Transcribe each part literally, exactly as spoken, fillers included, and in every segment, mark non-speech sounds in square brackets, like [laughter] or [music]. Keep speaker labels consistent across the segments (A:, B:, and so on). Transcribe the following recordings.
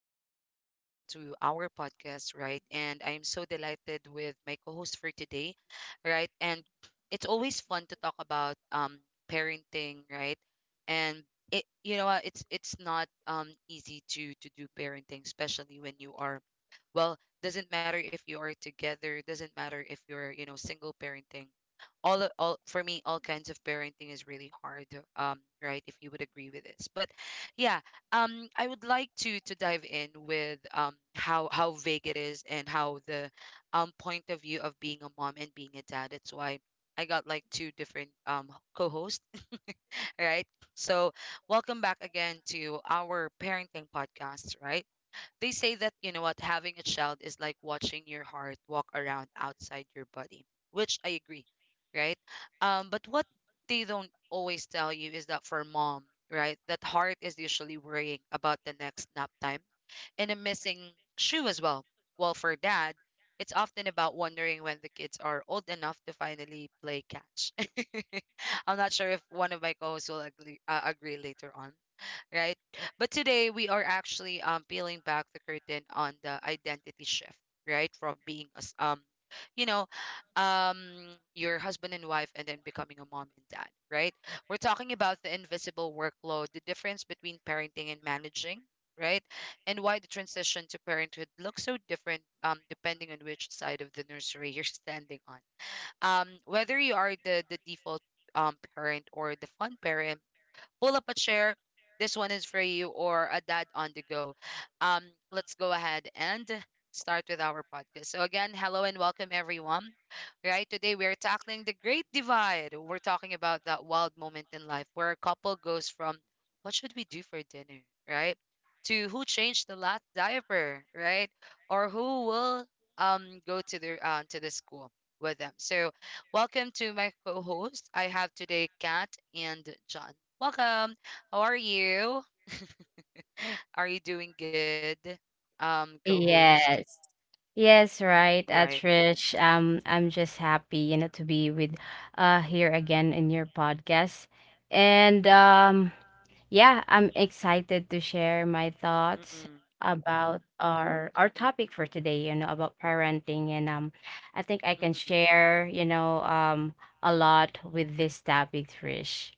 A: Welcome back again to our podcast, right? And I'm so delighted with my co-host for today, right? And it's always fun to talk about um parenting, right? And it, you know, what, it's it's not um easy to to do parenting, especially when you are well, doesn't matter if you are together, doesn't matter if you're, you know, single parenting, all o- all for me, all kinds of parenting is really hard. Um right? If you would agree with this. But yeah, um I would like to to dive in with um how how vague it is, and how the um point of view of being a mom and being a dad, that's why I got like two different um co-hosts. [laughs] Right? So welcome back again to our parenting podcast, right? They say that, you know what, having a child is like watching your heart walk around outside your body, which I agree, right? Um, but what they don't always tell you is that for mom, right, that heart is usually worrying about the next nap time and a missing shoe as well. Well, for dad, it's often about wondering when the kids are old enough to finally play catch. [laughs] I'm not sure if one of my co-hosts will agree, uh, agree later on, right? But today we are actually um peeling back the curtain on the identity shift, right? From being us, um you know um your husband and wife, and then becoming a mom and dad, right? We're talking about the invisible workload, the difference between parenting and managing, right? And why the transition to parenthood looks so different um depending on which side of the nursery you're standing on. Um whether you are the the default um parent or the fun parent, pull up a chair. This one is for you, or a dad on the go. Um, let's go ahead and start with our podcast. So again, hello and welcome everyone. Right, today we are tackling the great divide. We're talking about that wild moment in life where a couple goes from what should we do for dinner, right? To who changed the last diaper, right? Or who will um go to the uh, to the school with them. So welcome to my co-host. I have today Kat and John. Welcome. How are you? [laughs] Are you doing good? Um, co-host,
B: Yes. Yes, right,
A: right?
B: uh, Trish. Um, I'm just happy, you know, to be with uh here again in your podcast. And um yeah, I'm excited to share my thoughts
A: Mm-mm,
B: about our our
A: mm-mm,
B: topic for today, you know, about parenting, and um I think I can
A: mm-mm.
B: share, you know, um a lot with this topic, Trish.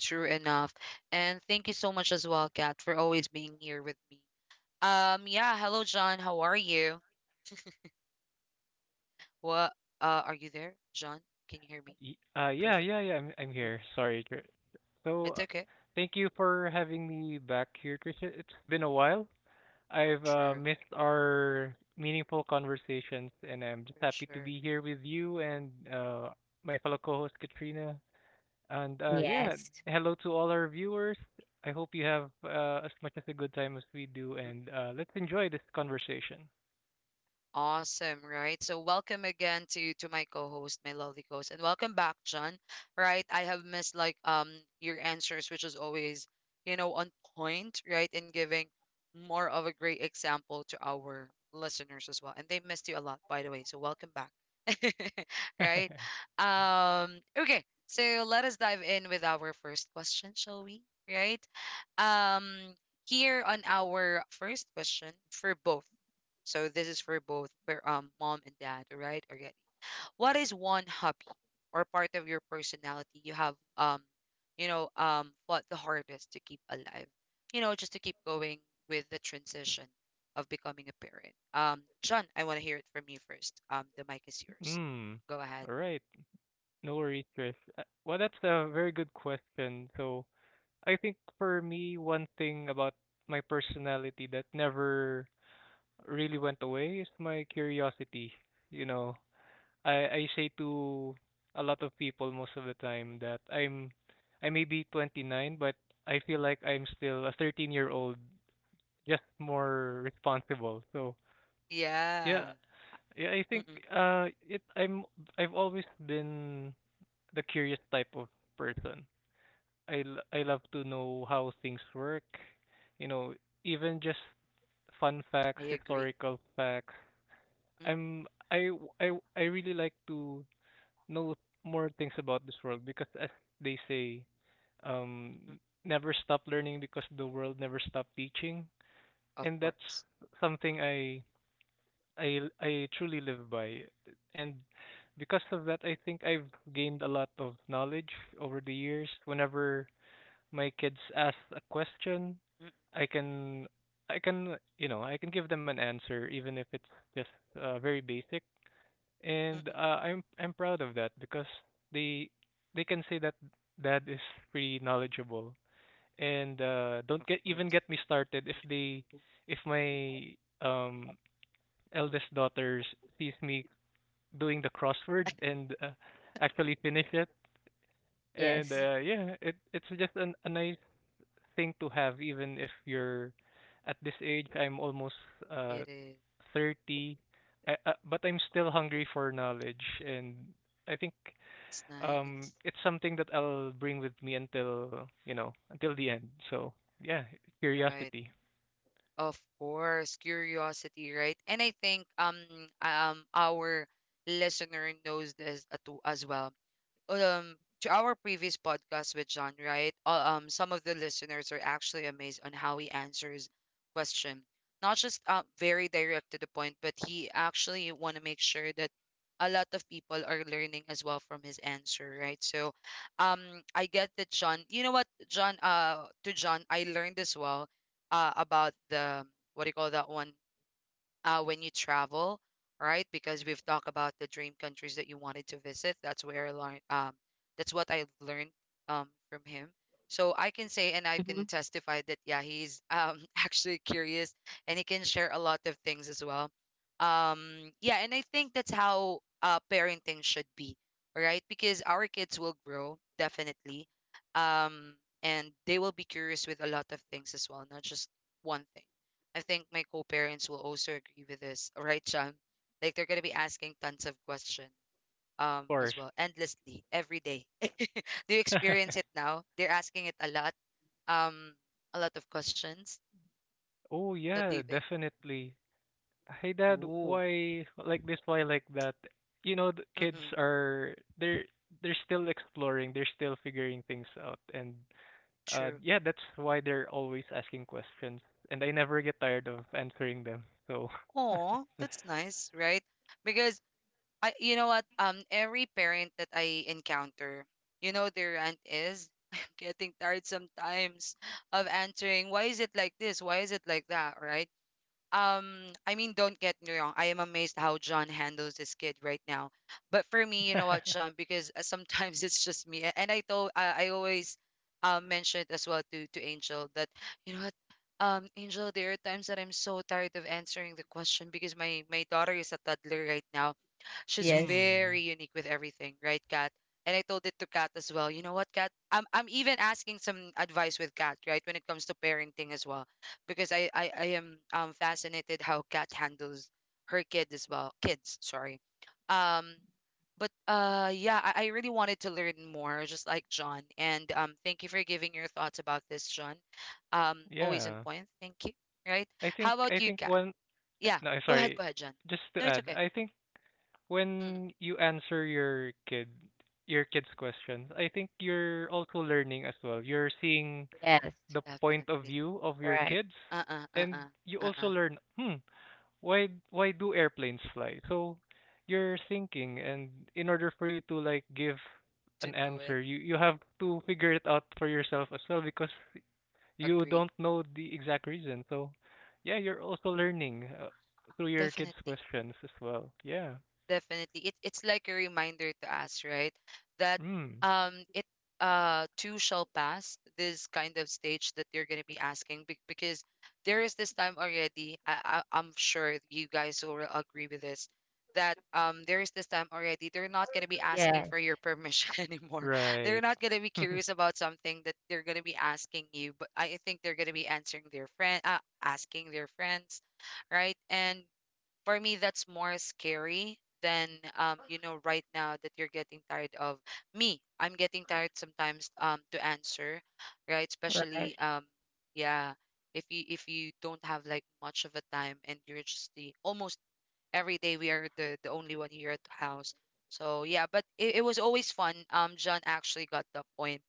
A: True enough. And thank you so much as well, Kat, for always being here with me. Um, yeah, hello, John. How are you? What, uh, are you there, John? Can you hear me?
C: Y- Uh, yeah,
A: Perfect.
C: yeah, yeah. I'm I'm
A: Mm.
C: here. Sorry. Tr- So,
A: It's
C: uh,
A: okay.
C: Thank you for having me back here, Trisha. It's been a while. I've uh,
A: True,
C: missed our meaningful conversations, and I'm just
A: for
C: happy to
A: sure.
C: be here with you and uh, my fellow co-host Katrina. And uh, yeah,
B: Yes.
C: hello to all our viewers. I hope you have uh, as much as a good time as we do, and uh, let's enjoy this conversation.
A: Awesome, right? So welcome again to to my co-host, my lovely co-host, and welcome back, John. Right? I have missed like um your answers, which is always, you know, on point, right? And giving more of a great example to our listeners as well. And they missed you a lot, by the way. So welcome back. [laughs] Right?
C: [laughs]
A: Um, okay. So let us dive in with our first question, shall we? Right? Um, Here on our first question for both. So this is for both, for um mom and dad, all right? Already. What is one hobby or part of your personality you have um you know um fought the hardest to keep alive? You know, just to keep going with the transition of becoming a parent. Um, Sean, I want to hear it from you first. Um, the mic is yours.
C: Mm.
A: Go ahead.
C: All right. No worries, Chris. Uh, Well, that's a very good question. So, I think for me, one thing about my personality that never really went away is my curiosity. You know, I I say to a lot of people most of the time that I'm I may be twenty-nine, but I feel like I'm still a thirteen-year-old, just more responsible. So, yeah,
A: Yeah.
C: yeah, I think
A: Mm-mm,
C: uh it I'm I've always been the curious type of person. I l- I love to know how things work. You know, even just fun facts,
A: I agree.
C: historical facts.
A: Mm-mm,
C: I'm I w- I w- I really like to know more things about this world because as they say, um,
A: mm-mm,
C: never stop learning because the world never stop teaching,
A: of
C: and that's
A: course.
C: something I I I truly live by. And because of that, I think I've gained a lot of knowledge over the years. Whenever my kids ask a question,
A: Mm-mm,
C: I can I can you know I can give them an answer even if it's just uh, very basic, and
A: mm-mm,
C: uh, I'm I'm proud of that because they they can say that dad is pretty knowledgeable, and uh,
A: of
C: don't get
A: course.
C: even get me started if they if my um eldest daughter sees me doing the crossword and uh, actually finish it. And
B: Yes.
C: uh,
A: Mm-mm,
C: yeah, it it's just an, a nice thing to have even if you're at this age. I'm almost uh
A: it is.
C: thirty, I, uh, but I'm still hungry for knowledge, and I think
A: It's
C: um
A: nice.
C: it's something that I'll bring with me until, you know, until the end. So yeah,
A: Right.
C: curiosity, of
A: Of course, curiosity, right? And I think um um our listener knows this uh, too as well. Um, to our previous podcast with John, right? Uh, um, some of the listeners are actually amazed on how he answers question. Not just uh, very direct to the point, but he actually want to make sure that a lot of people are learning as well from his answer, right? So, um, I get that, John. You know what, John? Uh, to John, I learned as well uh, about the, what do you call that one? Uh, when you travel, right? Because we've talked about the dream countries that you wanted to visit. That's where I learned. Um, that's what I learned um, from him. So I can say and I
B: Hmm.
A: can testify that yeah, he's um, [laughs] actually curious, and he can share a lot of things as well. Um, yeah, and I think that's how uh, parenting should be, right? Because our kids will grow definitely, um, and they will be curious with a lot of things as well, not just one thing. I think my co-parents will also agree with this, right, Sham? Like they're gonna be asking tons of questions um as
C: course.
A: well, endlessly, every day. [laughs] Do you
C: [laughs]
A: experience it now? They're asking it a lot, um, a lot of questions.
C: Oh
A: What do you
C: yeah,
A: think?
C: definitely. Hey dad,
A: Ooh,
C: why like this, why like that. You know, the kids
A: mm-mm,
C: are, they're they're still exploring, they're still figuring things out, and Uh,
A: true.
C: yeah, that's why they're always asking questions, and I never get tired of answering them. So,
A: Oh,
C: [laughs]
A: that's nice, right? Because I, you know what, um, every parent that I encounter, you know, their rant is, [laughs] I'm getting tired sometimes of answering, why is it like this? Why is it like that? Right? um I mean, don't get me wrong, I am amazed how John handles this kid right now. But for me, you know what, John, because uh, sometimes [laughs] it's just me, a- and i told i, I always uh, mention it as well to to Angel, that you know what, um Angel, there are times that I'm so tired of answering the question, because my my daughter is a toddler right now. She's
B: Yes.
A: very
C: mm,
A: unique with everything, right, Kat? And I told it to Kat as well. You know what, Kat? I'm I'm even asking some advice with Kat, right, when it comes to parenting as well, because I I, I am um fascinated how Kat handles her kid as well. Kids, sorry. Um, but uh, yeah, I, I really wanted to learn more, just like John. And um, thank you for giving your thoughts about this, John. Um, always in
C: yeah,
A: point. Thank you. Right?
C: I think
A: How about
C: I
A: you,
C: think
A: Kat?
C: one. Uh,
A: Yeah,
C: No, I'm
A: go ahead,
C: sorry.
A: go ahead, John.
C: Just to
A: No, it's
C: add,
A: okay.
C: I think
A: Mm,
C: when you answer your kid, your kid's questions, I think you're also learning as well. You're seeing
B: Yes.
C: the point of
A: definitely.
C: view of your
B: Right.
C: kids,
A: Uh, uh, uh, uh,
C: and you
A: uh,
C: also
A: uh.
C: learn. Hmm why why do airplanes fly? So you're thinking, and in order for you to like give an
A: To know it,
C: answer, you you have to figure it out for yourself as well because you
A: agree.
C: don't know the exact reason. So yeah, you're also
A: Mm,
C: learning uh, through your kids
A: definitely.
C: questions as well. Yeah.
A: Definitely. It, it's like a reminder to us, right? That
C: Hmm.
A: um it uh too shall pass, this kind of stage that you're gonna be asking, be- because there is this time already. I, I I'm sure you guys will agree with this, that um there is this time already. They're not gonna be asking
B: Yeah.
A: for your permission [laughs] anymore. They're
C: Right.
A: not gonna be
C: [laughs]
A: curious about something that they're gonna be asking you, but I think they're gonna be answering their friend, uh, asking their friends, right? And for me, that's more scary than um you know, right now that you're getting tired of me. I'm getting tired sometimes um to answer, right,
B: Right.
A: especially um yeah, if you, if you don't have like much of a time, and you're just the almost every day we are the the only one here at the house. So yeah, but it, it was always fun. um John actually got the point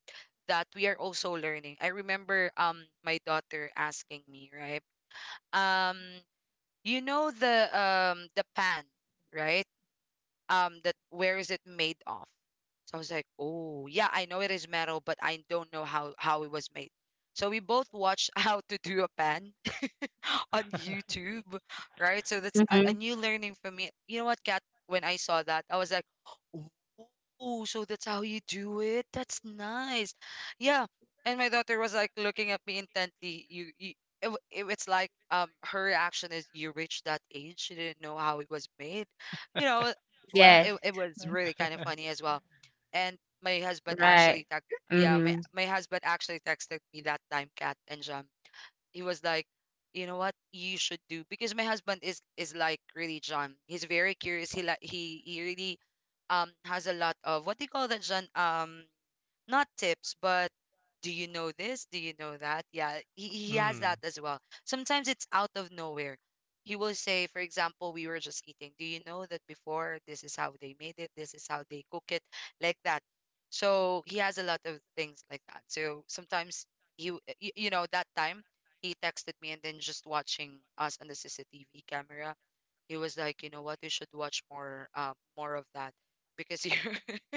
A: that we are also learning. I remember um my daughter asking me, right, um, you know, the um the pan, right? Um, that where is it made of? So I was like, "Oh, yeah, I know it is metal, but I don't know how how it was made." So we both watched [laughs] how to do a pan [laughs] on YouTube, right? So that's a, a
B: Mm-hmm.
A: new learning for me. You know what, Kat? When I saw that, I was like, "Oh, so that's how you do it? That's nice." Yeah, and my daughter was like looking at me intently. You, you it, w- it, it's like um her reaction is, "You reached that age, she didn't know how it was made," you know. Well,
B: Yes,
A: it it was really kind of funny as well, and my husband
B: right.
A: actually text. Yeah, my,
B: Mm-hmm.
A: my husband actually texted me that time, Kat, and Jam, he was like, you know what you should do, because my husband is is like really John, he's very curious, he like he he really um has a lot of, what do you call that, John, um, not tips, but do you know this? Do you know that? Yeah, he, he has that
C: Hmm.
A: as well. Sometimes it's out of nowhere. He will say, for example, we were just eating. Do you know that before this is how they made it? This is how they cook it, like that. So he has a lot of things like that. So sometimes he, w- y- you know, that time he texted me, and then just watching us on the C C T V camera. He was like, you know what, you should watch more, um, more of that because you're, [laughs]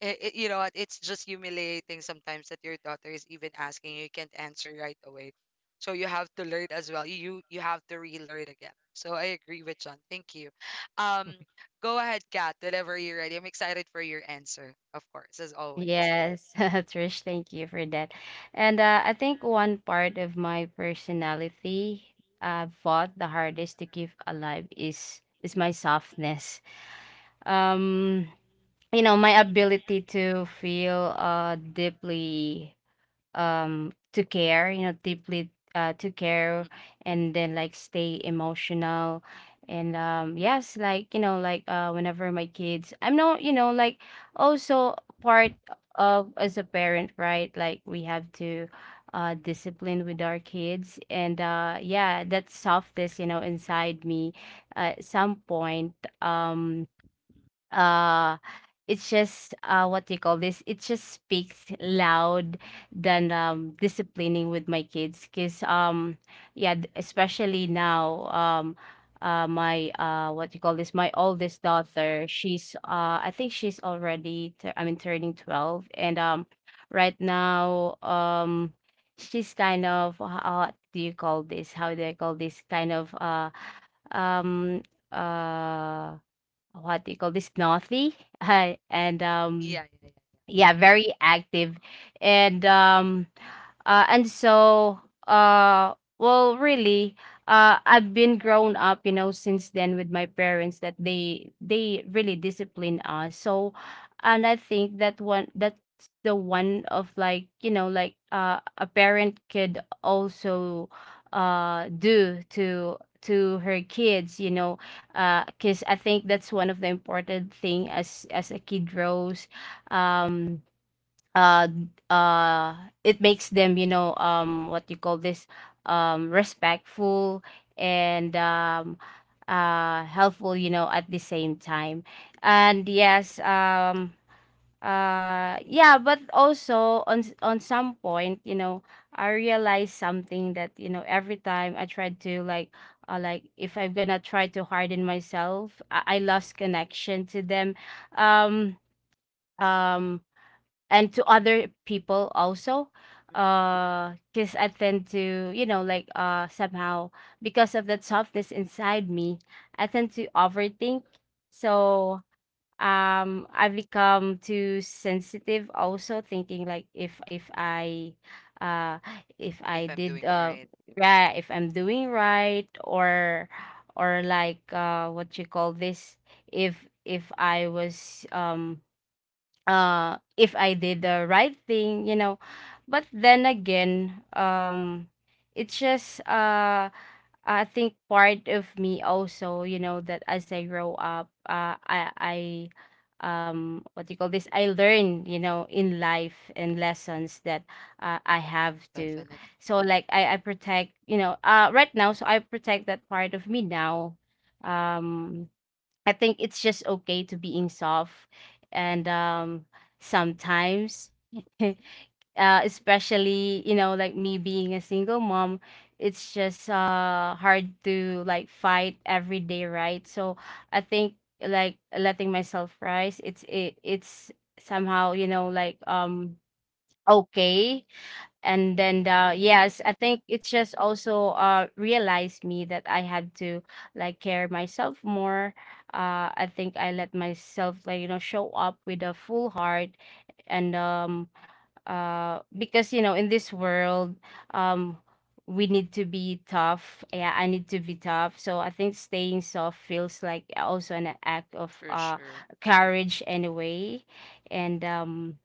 A: it, it, you know what, it's just humiliating sometimes that your daughter is even asking you, you can't answer right away. So you have to learn as well. You you have to relearn again. So I agree with John. Thank you. Um,
C: [laughs]
A: Go ahead, Kat, whenever you're ready. I'm excited for your answer, of course, as always.
B: Yes, [laughs] Trish, thank you for that. And uh, I think one part of my personality I fought the hardest to keep alive is is my softness. Um, you know, my ability to feel uh deeply, um to care, you know deeply, uh to care,
A: Mm.
B: and then like stay emotional. And um yes, like, you know like, uh whenever my kids, I'm not, you know like, also part of, as a parent, right, like we have to uh discipline with our kids. And uh yeah, that softness, you know inside me, uh, at some point, um uh it's just, uh what do you call this, it just speaks loud than um disciplining with my kids, because um yeah, th- especially now, um uh my uh what do you call this, my oldest daughter. She's uh I think she's already tur- I mean turning twelve, and um right now, um she's kind of, how do you call this, how do I call this, kind of, uh um uh what do you call this, Northy, [laughs] and um,
A: Yeah, yeah, yeah, yeah.
B: yeah, very active. And um uh, and so, uh well, really, uh I've been grown up, you know since then, with my parents, that they they really discipline us. So, and I think that one, that's the one, of like, you know like, uh a parent could also uh do to to her kids, you know uh because I think that's one of the important thing as as a kid grows. um uh uh it makes them, you know um what you call this, um respectful and um uh helpful, you know at the same time. And yes, um uh yeah, but also on, s- on some point, you know I realized something, that, you know every time I tried to, like, uh, like, if I'm gonna try to harden myself, i, I lost connection to them. um um and to other people also, uh because I tend to, you know like, uh somehow, because of that softness inside me, I tend to overthink. So um I become too sensitive, also thinking like, if if I uh if
A: If
B: I
A: I'm doing
B: did uh
A: right,
B: right, if I'm doing right, or or like, uh what you call this, if if I was, um uh if I did the right thing, you know. But then again, um it's just, uh I think part of me also, you know, that as I grow up, uh I I um what do you call this? I learn, you know, in life and lessons, that uh, I have to.
A: definitely.
B: So like, I I protect, you know, uh right now, so I protect that part of me now. Um I think it's just okay to being soft. And um sometimes [laughs] uh especially, you know like me being a single mom, it's just uh hard to, like, fight every day, right? So I think like letting myself rise, it's it, it's somehow, you know like, um okay. And then, uh, yes, I think it's just also, uh realized me that I had to, like, care myself more. uh I think I let myself, like, you know show up with a full heart. And um uh because, you know in this world, um we need to be tough, yeah, I need to be tough. So I think staying soft feels like also an act of
A: For
B: uh
A: sure.
B: courage anyway. And um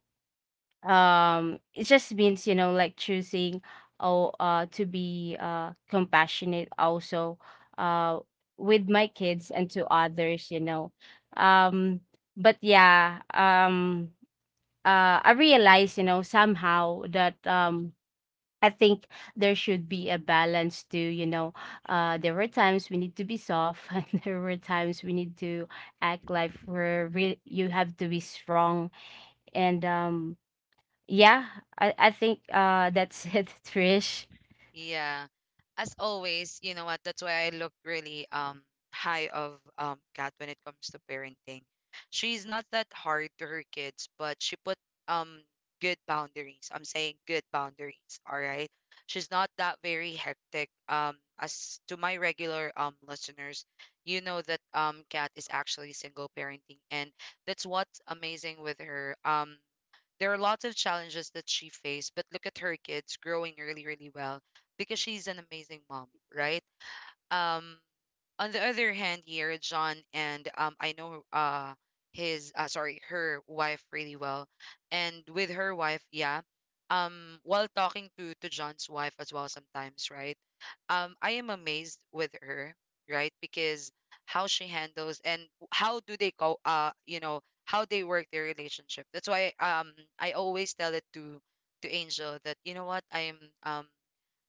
B: um it just means, you know like, choosing, oh, uh to be uh compassionate also, uh with my kids and to others, you know um but yeah, um uh I realize, you know somehow, that um I think there should be a balance too, you know. Uh, there were times we need to be soft, [laughs] and there were times we need to act like we're, re- you have to be strong. And um, yeah, I, I think uh that's it, [laughs] Trish.
A: Yeah. As always, you know what? That's why I look really um high of um Kat when it comes to parenting. She's not that hard to her kids, but she put um good boundaries. I'm saying good boundaries, all right? She's not that very hectic. Um as to my regular um listeners, you know that um Kat is actually single parenting and that's what's amazing with her. Um there are lots of challenges that she faced, but look at her kids growing really, really well because she's an amazing mom, right? Um, on the other hand here John and um I know uh his uh sorry, her wife really well and with her wife, yeah. Um while talking to to John's wife as well sometimes, right? um I am amazed with her, right? Because how she handles and how do they go, uh you know, how they work their relationship. That's why um I always tell it to to Angel that you know what, I am, um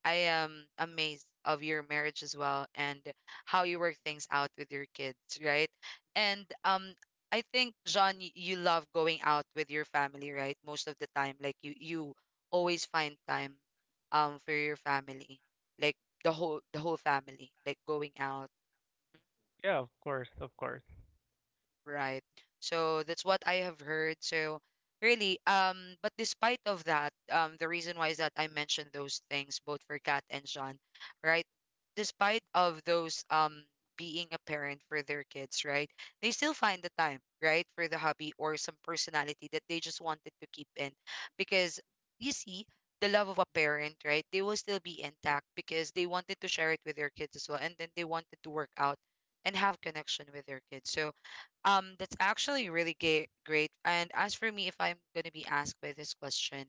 A: I am amazed of your marriage as well, and how you work things out with your kids, right? And um I think John y- you love going out with your family, right? Most of the time like you you always find time um for your family. Like the whole the whole family, like going out.
C: Yeah, of course, of course.
A: Right. So that's what I have heard. So really, um, but despite of that, um, the reason why is that I mentioned those things both for Kat and Sean, right? Despite of those, um being a parent for their kids, right? They still find the time, right, for the hobby or some personality that they just wanted to keep in. Because you see, the love of a parent, right, they will still be intact because they wanted to share it with their kids as well, and then they wanted to work out and have connection with their kids. So um, that's actually really ga- great. And as for me, if I'm going to be asked by this question,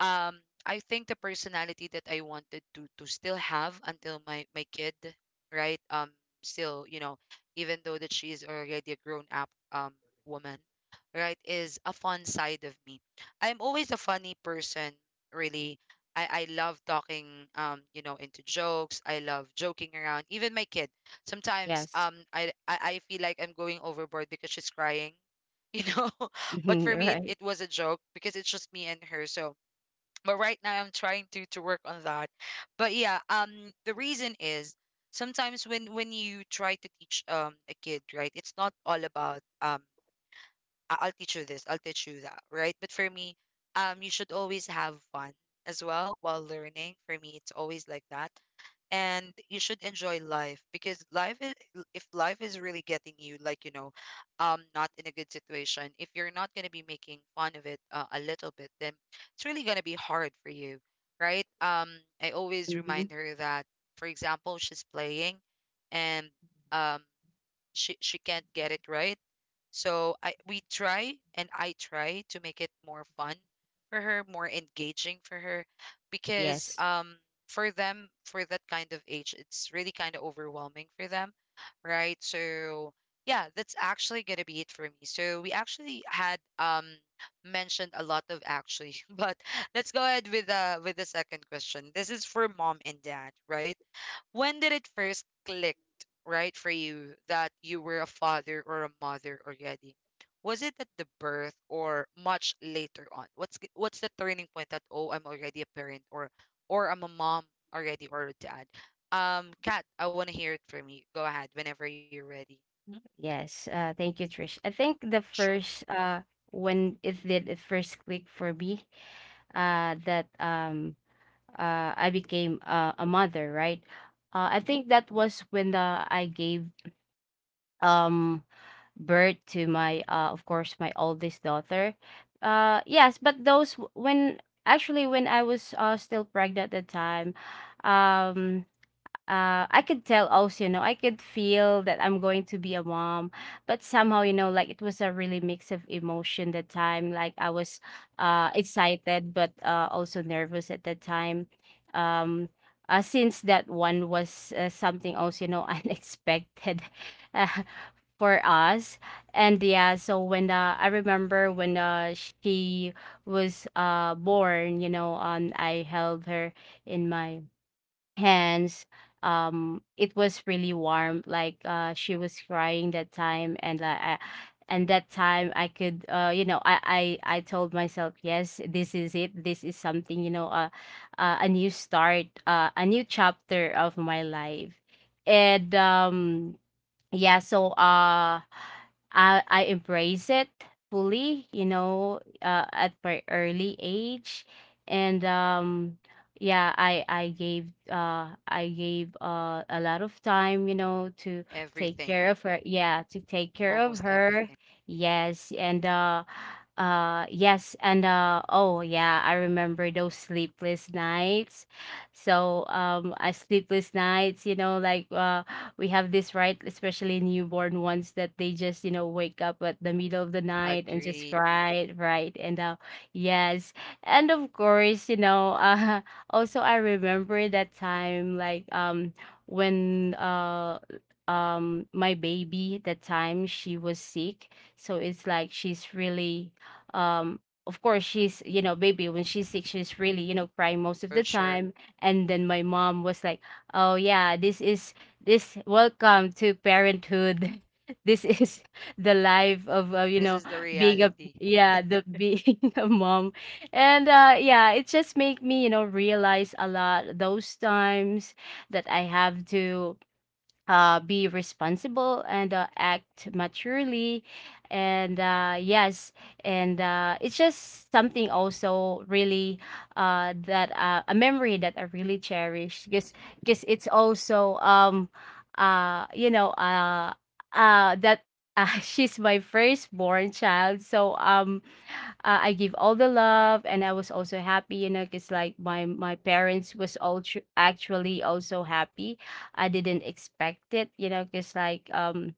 A: um I think the personality that I wanted to to still have until my my kid, right? Um still, you know, even though that she's already a grown up um woman, right, is a fun side of me. I'm always a funny person, really. I, I love talking, um, you know, into jokes. I love joking around. Even my kid. Sometimes
B: Yes.
A: um I I, I feel like I'm going overboard because she's crying, [laughs] you know. But
B: Mhm,
A: for me it,
B: right.
A: it was a joke because it's just me and her. So but right now I'm trying to to work on that. But yeah, um, the reason is sometimes when when you try to teach um a kid, right, it's not all about um I- I'll teach you this, I'll teach you that, right? But for me, um, you should always have fun as well while learning. For me, it's always like that. And you should enjoy life because life is, if life is really getting you, like, you know, um, not in a good situation, if you're not going to be making fun of it uh, a little bit, then it's really going to be hard for you, right? Um, I always
B: Hmm.
A: remind her that, for example, she's playing and um, she, she can't get it right, so I we try and I try to make it more fun for her, more engaging for her because
B: Yes.
A: um for them, for that kind of age, it's really kind of overwhelming for them, right? So yeah, that's actually going to be it for me. So we actually had um mentioned a lot of actually, [laughs] but let's go ahead with uh with the second question. This is for mom and dad, right? When did it first click, right, for you that you were a father or a mother already? Was it at the birth or much later on? What's g- what's the turning point that oh, I'm already a parent, or or I'm a mom already, or a dad? Um, Kat, I want to hear it from you. Go ahead whenever you're ready. Mhm.
B: Yes. Uh, thank you, Trish. I think the
A: Sure.
B: first uh when it did it first click for me, uh that um uh I became, uh, a mother, right? Uh, I think that was when, uh, I gave um birth to my, uh of course, my oldest daughter. Uh yes, but those w- when actually when I was uh still pregnant at the time. um uh I could tell also, you know I could feel that I'm going to be a mom. But somehow, you know like, it was a really mix of emotion that time, like I was uh excited, but uh also nervous at that time. um uh, since that one was, uh, something also, you know [laughs] unexpected [laughs] for us. And yeah, so when uh, I remember when, uh, she was uh born, you know um I held her in my hands. Um it was really warm, like, uh she was crying that time. And uh, I, and that time, I could uh you know I, I I told myself, yes, this is it. This is something, you know uh, uh a new start, uh, a new chapter of my life. And um yeah, so uh i i embrace it fully, you know uh, at my early age. And um yeah, i i gave uh I gave uh a lot of time, you know to take
A: Everything,
B: care of her, yeah, to take care of
A: almost
B: her.
A: everything.
B: Yes. And uh uh yes. And uh oh yeah, I remember those sleepless nights. So, um, uh, sleepless nights, you know, like, uh, we have this, right, especially newborn ones that they just, you know wake up at the middle of the night and just
A: Agree.
B: cry, right? And uh, yes, and of course, you know, uh, [laughs] also I remember that time, like, um when, uh um my baby, that time, she was sick. So it's like she's really, um of course,
A: Mm.
B: she's, you know baby. When she's sick, she's really, you know crying most of
A: For
B: the
A: sure.
B: time. And then my mom was like, oh yeah, this is this, welcome to parenthood, [laughs] this is the life of, uh, you
A: This
B: know
A: is the
B: being a
A: reality.
B: yeah, the being [laughs] a mom. And uh yeah, it just made me, you know realize a lot those times, that I have to uh, be responsible and uh, act maturely. And uh, yes. And uh, it's just something also really, uh, that uh, a memory that I really cherish, because because it's also um uh you know uh uh that uh, [laughs] she's my firstborn child, so um uh, I give all the love, and I was also happy, you know, because like my my parents was all tr- actually also happy. I didn't expect it, you know, because like, um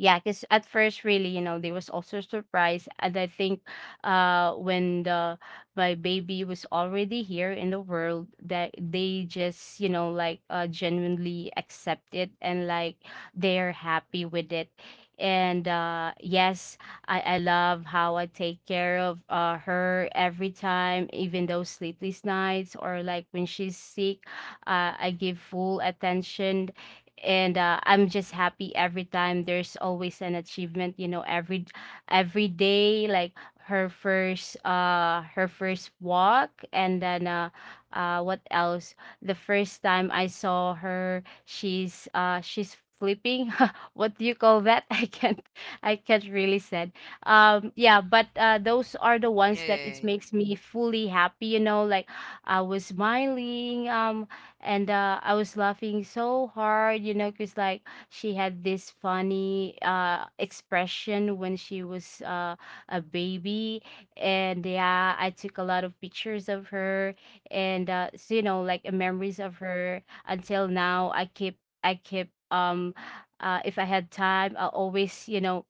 B: yeah, because at first, really, you know, they was also surprised. And I think, uh, when the my baby was already here in the world, that they just, you know, like, uh, genuinely accept it, and like they're happy with it. And uh, yes, I I love how I take care of uh her every time, even those sleepless nights or like when she's sick. uh, I give full attention. And uh, I'm just happy every time there's always an achievement, you know every every day, like her first uh her first walk, and then, uh, uh what else? The first time I saw her, she's uh she's flipping, [laughs] what do you call that, [laughs] i can't I can't really said. Um yeah, but uh those are the ones
A: Yeah,
B: that
A: yeah,
B: it
A: yeah,
B: makes me
A: yeah. Mm.
B: fully happy, you know like I was smiling. Um and uh, I was laughing so hard, you know, because like she had this funny uh expression when she was uh a baby. And yeah, I took a lot of pictures of her, and uh, so, you know, like, uh, memories of her until now. I keep, I keep, um, uh, If I had time, I always, you know,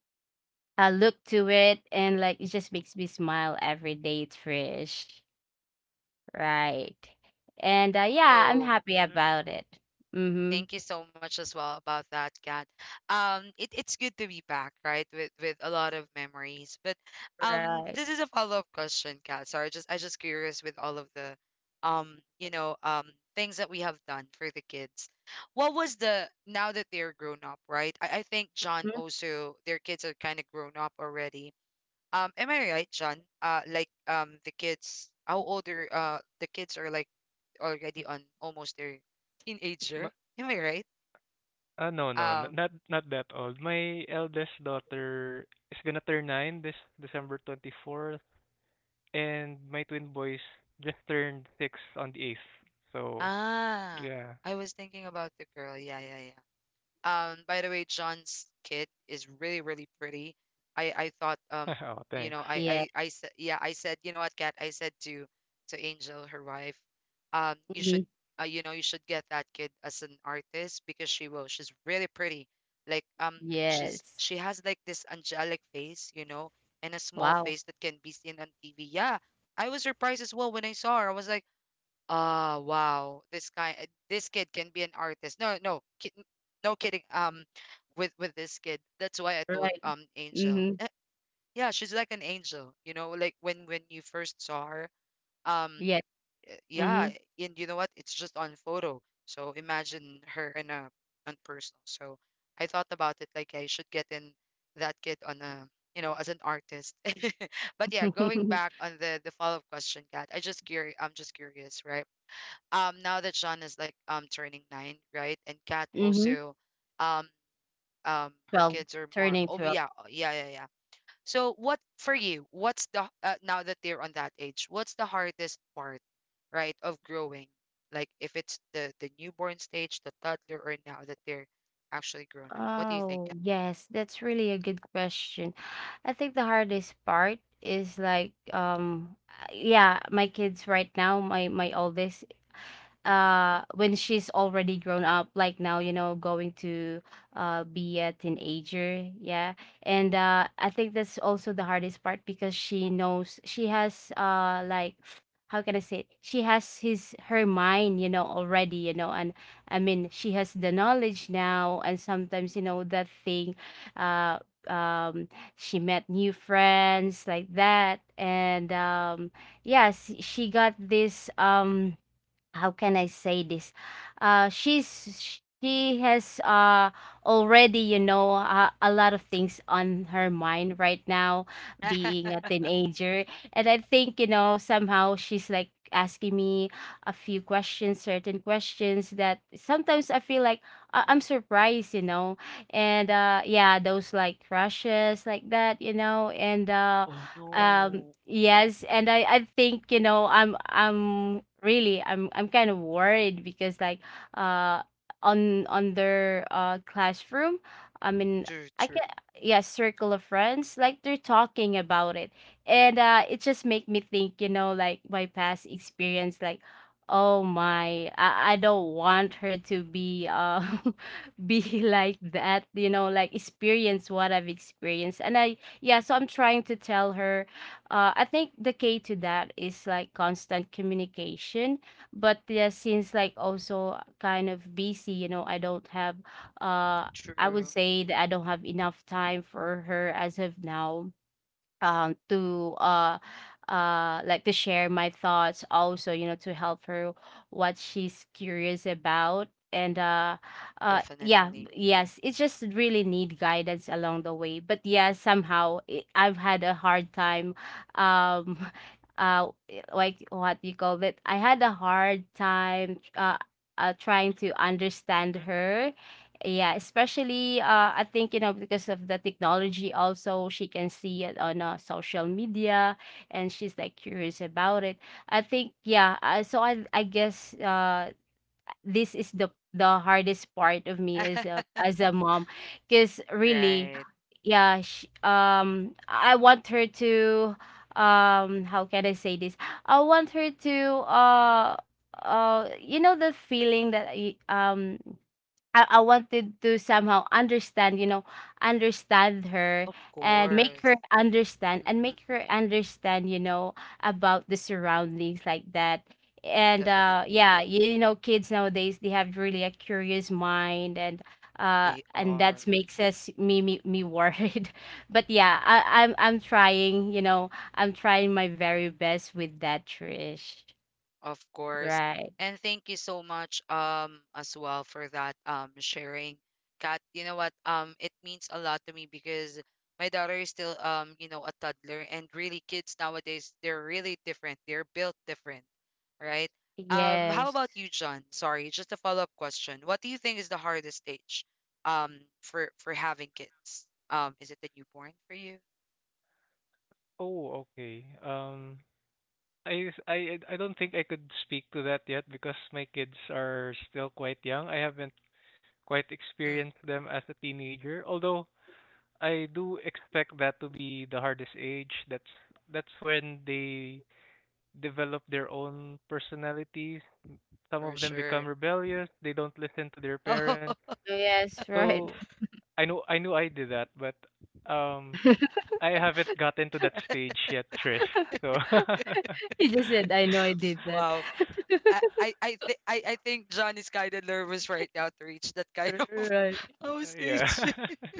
B: I look to it, and like it just makes me smile every day, Trish. Right. And, uh, yeah, I'm
A: So,
B: happy about it. Mhm.
A: thank you so much as well about that, Kat. Um, it, it's good to be back, right? With with a lot of memories. But um,
B: Right.
A: this is a follow-up question, Kat. Sorry, just I just curious with all of the um, you know, um things that we have done for the kids. What was the, now that they're grown up, right? I, I think John
B: Mhm.
A: also, their kids are kind of grown up already. Um, am I right, John? Uh, like um the kids, how old are uh the kids, are like already on almost their teenager.
C: M-
A: Am I right?
C: Uh, no, no, n-
A: Um,
C: not not that old. My eldest daughter is gonna turn nine this December twenty-fourth, and my twin boys just turned six on the eighth. So,
A: ah,
C: yeah.
A: I was thinking about the girl. Yeah, yeah, yeah. Um, by the way, John's kid is really, really pretty. I, I thought, um,
C: [laughs] Oh,
A: you know,
C: thanks.
A: I,
B: Yeah.
A: I, I said, yeah, I said, you know what, Kat, I said to, to Angel, her wife, um, you should,
B: Mhm.
A: uh, you know, you should get that kid as an artist because she will. She's really pretty. Like, um, she's,
B: Yes.
A: she has like this angelic face, you know, and a small
B: Wow.
A: face that can be seen on T V. Yeah, I was surprised as well when I saw her. I was like. Ah, wow. This guy, uh, this kid can be an artist. No, no, ki no kidding. Um, with with this kid, that's why I told
B: Right.
A: um Angel.
B: Mhm.
A: Eh, yeah, she's like an angel. You know, like when when you first saw her. Um,
B: Yes.
A: eh, yeah,
B: Mhm.
A: and you know what? It's just on photo. So imagine her in a on personal. So I thought about it like I should get in that kid on a, you know, as an artist. [laughs] But yeah, going
B: Mhm.
A: back on the the follow-up question, Kat, I just curious. I'm just curious, right? Um now that Sean is like um turning nine, right? And Kat
B: [laughs]
A: also, um um her
B: twelve,
A: kids are more,
B: turning
A: oh
B: twelve.
A: yeah, oh, yeah yeah yeah. So what for you? What's the uh, now that they're on that age? What's the hardest part, right, of growing? Like if it's the the newborn stage, the toddler, or now that they're actually grown up. What do you think?
B: Oh,
A: Kat?
B: yes, that's really a good question. I think the hardest part is like, um uh, yeah, my kids right now, my my oldest,
A: Mm, mm,
B: uh when she's already grown up, like now, you know going to uh be a teenager, yeah. And uh I think that's also the hardest part, because she knows, she has uh like, how can I say it? She has his her mind, you know, already, you know. And i mean she has the knowledge now, and sometimes, you know, that thing uh um she met new friends like that. And um yes, she got this. Um how can I say this? Uh, she's she has uh already, you know, uh, a lot of things on her mind right now,
A: mm,
B: being a
A: mm. [laughs]
B: teenager. And I think, you know, somehow she's like asking me a few questions, certain questions that sometimes I feel like I- I'm surprised, you know. And uh yeah, those like crushes like that, you know. And uh
A: Oh
B: um,
A: no.
B: yes,
A: Mm.
B: and I I think, you know, I'm I'm really I'm I'm kind of worried because like uh on on their uh classroom, I mean,
A: True,
B: I can,
A: true,
B: yeah, circle of friends, like they're talking about it. And uh it just make me think, you know, like my past experience. Like, oh my, I, I don't want her to be uh [laughs] be like that, you know, like experience what I've experienced. And I Yeah, so I'm trying to tell her. Uh, I think the key to that is like constant communication. But yeah, since like also kind of busy, you know, I don't have uh I would
A: true.
B: say that I don't have enough time for her as of now um to uh uh like to share my thoughts also, you know, to help her what she's curious about. And uh uh Yeah.
A: Definitely.
B: Yes, it just really need guidance along the way, but yeah, somehow it, I've had a hard time um [laughs] uh like what you call it, I had a hard time uh, uh trying to understand
A: Mm.
B: her. Yeah, especially uh, I think, you know, because of the technology also, she can see it on, uh, social media, and she's like curious about it. I think yeah, uh, so I I guess uh this is the the hardest part of me as a as a mom because
A: [laughs]
B: really
A: Right.
B: yeah sh um I want her to, um how can I say this? I want her to uh uh you know, the feeling that I- um I, I wanted to somehow understand, you know, understand her,
A: Of
B: and make
A: course.
B: her understand, and
A: Mm.
B: make her understand, you know, about the surroundings like that. And uh
A: Definitely,
B: yeah, you know, kids nowadays, they have really a curious mind. And uh
A: they
B: and
A: are,
B: that makes us me me, me worried. [laughs] But yeah, I, I'm I'm trying, you know, I'm trying my very best with that, Trish.
A: of course.
B: Right.
A: And thank you so much, um, as well for that, um, sharing. Kat, you know what? Um, it means a lot to me because my daughter is still, um, you know, a toddler, and really, kids nowadays, they're really different. They're built different, right? Um, how
B: Yes.
A: about you, John? Sorry, just a follow-up question. What do you think is the hardest stage, um, for for having kids? Um, is it the newborn for you?
C: Oh, okay. Um, I s- I I don't think I could speak to that yet because my kids are still quite young. I haven't quite
A: Mm,
C: experienced them as a teenager, although I do expect that to be the hardest age. That's that's when they develop their own personalities. Some
A: for
C: of them become
A: sure.
C: rebellious. They don't listen to their parents.
A: [laughs]
B: Yes, [laughs] right.
C: So I know I knew I did that, but um I haven't gotten to that stage yet, Trish. So
B: He
C: [laughs]
B: just said, "I know I did that."
A: Wow.
B: [laughs]
A: I I I, th- I I think John is kind of nervous right now to reach that kind [laughs] of
B: Right.
A: house
C: yeah.
A: stage. [laughs]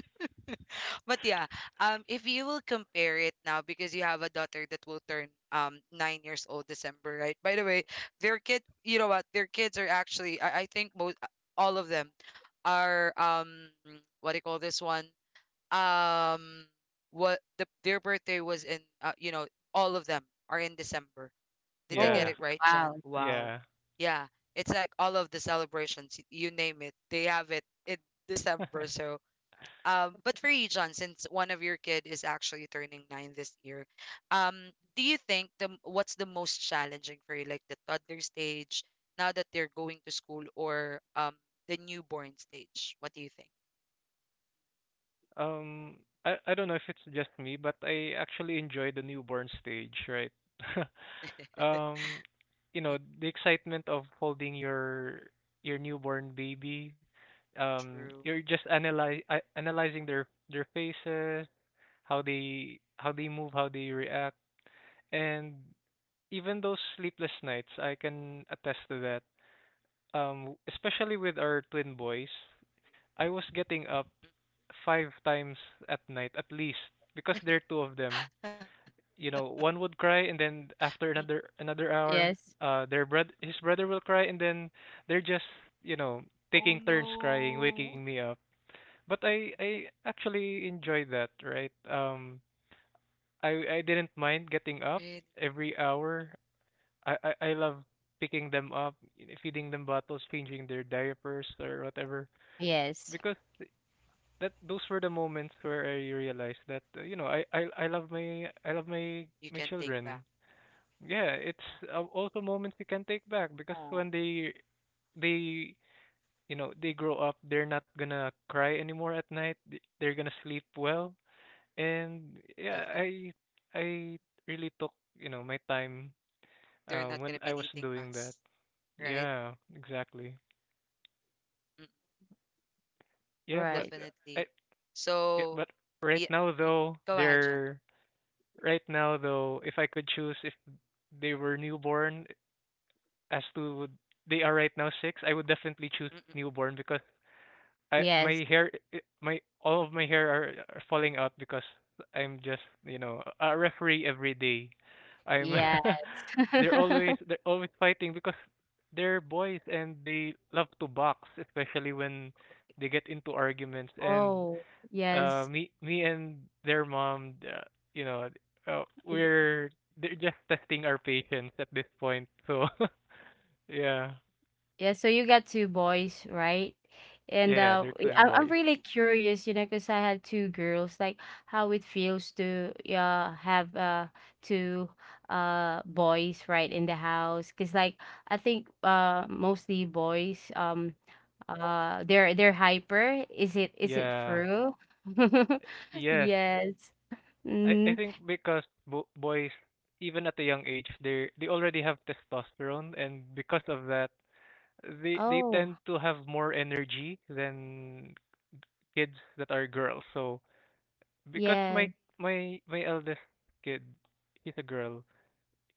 A: But yeah, um, if you will compare it now because you have a daughter that will turn um nine years old December, right? By the way, their kid, you know what? Their kids are actually, I, I think most all of them are um what do you call this one? Um, what the their birthday was in, uh, you know, all of them are in December.
C: [laughs]
A: Did I get
C: Yeah.
B: Oh,
A: it right, John?
B: wow.
A: Wow.
C: Yeah.
A: Yeah. It's like all of the celebrations, y- you name it, they have it in December.
C: [laughs]
A: So, um, but for you, John, since one of your kid is actually turning nine this year, um, do you think the, what's the most challenging for you, like the toddler stage, now that they're going to school, or um, the newborn stage? What do you think?
C: Um, I I don't know if it's just me, but I actually enjoy the newborn stage, right? [laughs] Um, you know,
A: Mm,
C: the excitement of holding your your newborn baby. Um,
A: true.
C: you're just analyze analyzing their their faces, how they how they move, how they react, and even those sleepless nights, I can attest to that. Um, especially with our twin boys, I was getting up five times at night at least because there are two of them. You know, one would cry and
A: Mm, mm.
C: then after another another hour,
B: Yes.
C: uh, their brother his brother will cry, and then they're just, you know,
A: Oh
C: taking turns crying,
A: no.
C: waking me up. But I I actually enjoyed that, right? Um, I I didn't mind getting up
A: Really?
C: every
A: Mm.
C: hour. I I, I love picking them up, feeding them bottles, changing their diapers or whatever,
B: Yes.
C: because that those were the moments where I realized that uh, you know, I, I I love my I love
A: You
C: my
A: can
C: my
A: take back.
C: children. Yeah, it's uh, also moments you can take back because
A: Oh,
C: when they they you know they grow up, they're not gonna cry anymore at night. th- They're gonna sleep well, and yeah,
A: definitely.
C: I I really took, you know, my time
A: They're not
C: uh,
A: gonna be
C: when I
A: needing
C: was
A: us,
C: doing that.
A: right?
C: Yeah, exactly.
A: Mm,
C: Yeah, but
B: Right.
C: uh, I
A: definitely.
C: yeah,
A: So,
C: but right
A: yeah.
C: now
A: Mm-mm.
C: though
A: Go ahead, John.
C: they're right now, though, if I could choose if they were newborn as to they are right now six, I would definitely choose
A: Mm-mm.
C: newborn because I my
B: Yes.
C: hair i- my all of my hair are, are falling out because I'm just, you know, a referee every day. I'm
B: Yeah.
C: [laughs] they're always they're always fighting because they're boys and they love to box, especially when they get into arguments, and
B: Oh,
C: uh
B: yes.
C: me me and their mom, uh, you know, uh,
B: Mhm.
C: we're they're just testing our patience at this point. So [laughs] yeah.
B: Yeah, so you got two boys, right? And
C: Yeah,
B: uh,
C: they're
B: y-
C: twin
B: I'm I'm
C: boys.
B: really curious, you know, because I had two girls. Like, how it feels to, yeah, have uh two uh boys right in the house, because like I think uh mostly boys, um Uh, they're they're hyper. Is it is it
C: Yeah.
B: true? [laughs]
C: yes
B: Yes.
C: i i
B: Mhm.
C: think because bo- boys, even at a young age, they they already have testosterone, and because of that, they they
B: Oh,
C: tend to have more energy than kids that are girls. So because my
B: yeah.
C: my my eldest kid, he's a girl.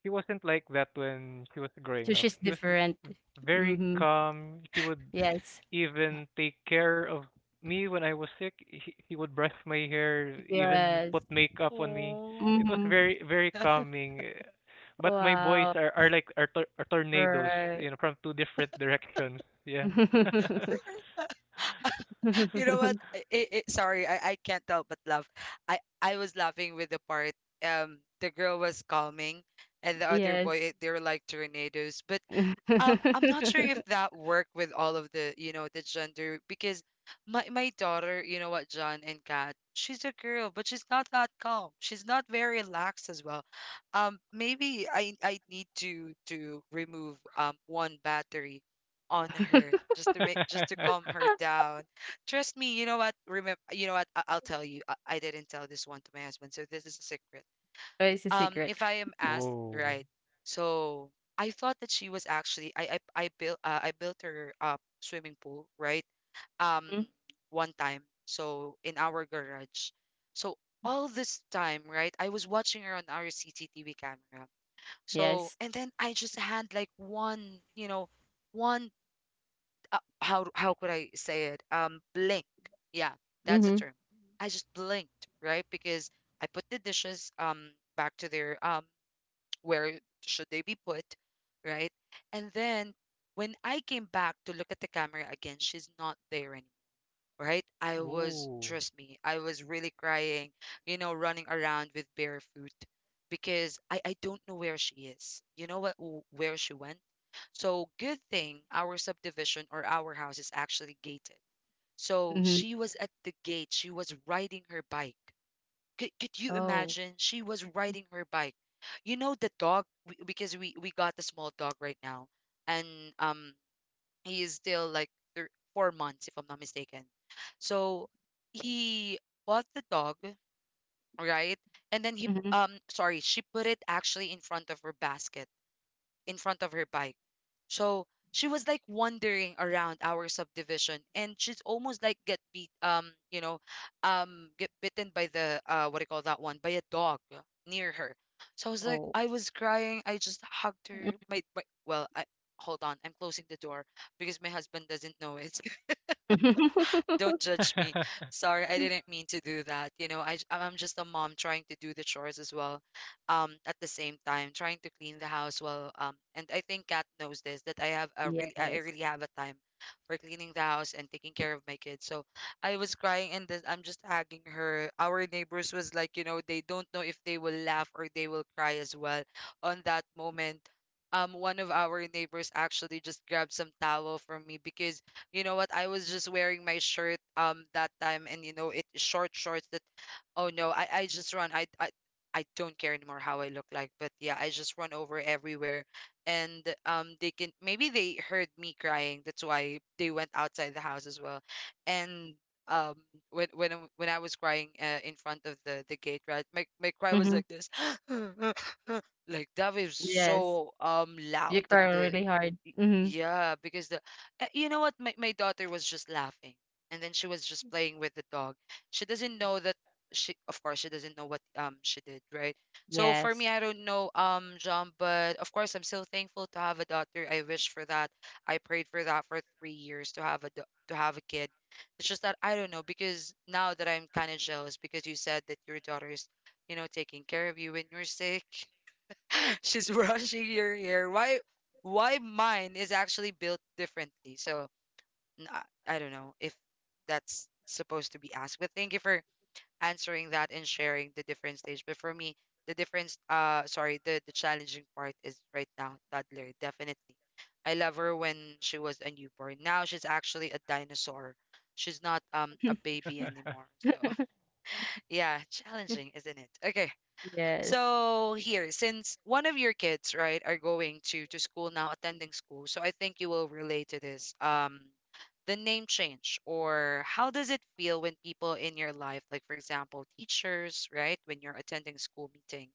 C: She wasn't like that when she was growing
B: So
C: up.
B: she's
C: She was
B: different.
C: very
B: Mhm.
C: calm. She would
B: Yes.
C: even take care of me when I was sick. He, he would brush my hair, even
B: Yes.
C: put makeup on me. It was
B: Mhm.
C: very, very calming. But my boys
B: Wow.
C: are, are like are, tor- are tornadoes,
B: Right.
C: you know, from two different directions. Yeah.
B: [laughs]
A: [laughs] You know what? I, I, I- sorry, I, I can't help but laugh. I, I was laughing with the part um the girl was calming and the other boy,
B: Yes.
A: eh, they were like tornadoes. But Um, I'm not sure if
B: [laughs]
A: that worked with all of the, you know, the gender, because my my daughter, you know what, John and Kat, she's a girl, but she's not that calm. She's not very relaxed as well. Um, maybe I I need to to remove um one battery on her just to make, just to calm
C: [laughs]
A: her down. Trust me, you know what? Remember, you know what? I, I'll tell you. I, I didn't tell this one to my husband, so this is a secret
B: But it's a
A: um
B: secret.
A: if I am asked,
C: Whoa.
A: right? So I thought that she was actually I I, I built uh, I built her up swimming pool, right? Um
B: Mm.
A: One time. So in our garage. So all this time, right? I was watching her on our C C T V camera. So
B: Yes.
A: and then I just had like one, you know, one, uh, how how could I say it? Um blink. Yeah, that's a
B: Mhm.
A: term. I just blinked, right? Because I put the dishes um back to their, um where should they be put, right? And then when I came back to look at the camera again, she's not there anymore, right? I was,
C: Whoa.
A: trust me, I was really crying, you know, running around with barefoot because I, I don't know where she is. You know what, w- where she went? So good thing our subdivision or our house is actually gated. So
B: Mhm.
A: she was at the gate. She was riding her bike. Could, could you
B: Oh.
A: imagine? She was riding her bike. You know the dog, we, because we we got the small dog right now, and um he is still like thr four months if I'm not mistaken. So he bought the dog, right? And then he
B: Mhm.
A: um sorry, she put it actually in front of her basket, in front of her bike. So she was like wandering around our subdivision and she's almost like get beat, um you know um get bitten by the, uh what do you call that one, by a dog near her. So I was like,
B: Oh.
A: I was crying. I just hugged her. My, my well I hold on. I'm closing the door because my husband doesn't know it. Don't
B: [laughs]
A: judge me.
C: [laughs]
A: Sorry, I didn't mean to do that. You know, I, j- I'm just a mom trying to do the chores as well. Um, at the same time, trying to clean the house well. Um, and I think Kat knows this, that I have a really, I I really
B: Yes.
A: have a time for cleaning the house and taking care of my kids. So I was crying and then I'm just hugging her. Our neighbors was like, you know, they don't know if they will laugh or they will cry as well on that moment. Um one of our neighbors actually just grabbed some towel from me because you know what? I was just wearing my shirt um that time, and you know it short shorts. That, oh no, I I just run. I I I don't care anymore how I look like, but yeah, I just run over everywhere, and um they can, maybe they heard me crying. That's why they went outside the house as well, and um when when I- when I was crying uh, in front of the the gate, right? My my cry was
B: Mhm.
A: like this. [gasps] Like that was
B: Yes.
A: so um loud
B: You
A: that
B: cry
A: the,
B: really hard. Mhm.
A: yeah, because the, uh, you know what, my, my daughter was just laughing and then she was just playing with the dog. She doesn't know that she of course she doesn't know what um she did, right? So for me,
B: Yes.
A: I don't know, um John, but of course I'm so thankful to have a daughter. I wish for that. I prayed for that for three years to have a do- to have a kid. It's just that I don't know because now that I'm kind of jealous because you said that your daughter's, you know, taking care of you when you're sick, [laughs] she's brushing your hair. why why mine is actually built differently? So n- i I don't know if that's supposed to be asked, but thank you for answering that and sharing the different stage. But for me, the difference, uh sorry, the the challenging part is right now toddler, definitely. I love her when she was a newborn. Now she's actually a dinosaur. She's not um a baby anymore, so [laughs]
B: [laughs]
A: yeah, challenging, isn't it? Okay,
B: Yes.
A: so here, since one of your kids, right, are going to to school now, attending school, so I think you will relate to this. Um, the name change, or how does it feel when people in your life, like for example, teachers, right, when you're attending school meeting,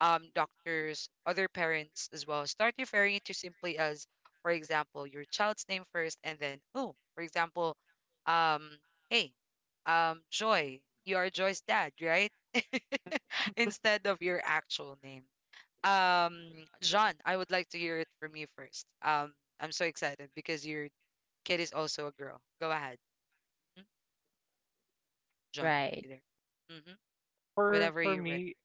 A: um, doctors, other parents as well, start referring it to simply as, for example, your child's name first, and then oh, for example, um, hey, um, Joy, you are Joy's dad, right? [laughs] Instead of your actual name. Um, John, I would like to hear it from you first. Um, I'm so excited because your kid is also a girl. Go ahead. Mhm. John.
B: Right.
A: You there? Mm-hmm.
C: for
A: Whenever
C: for
A: you're ready.
C: me,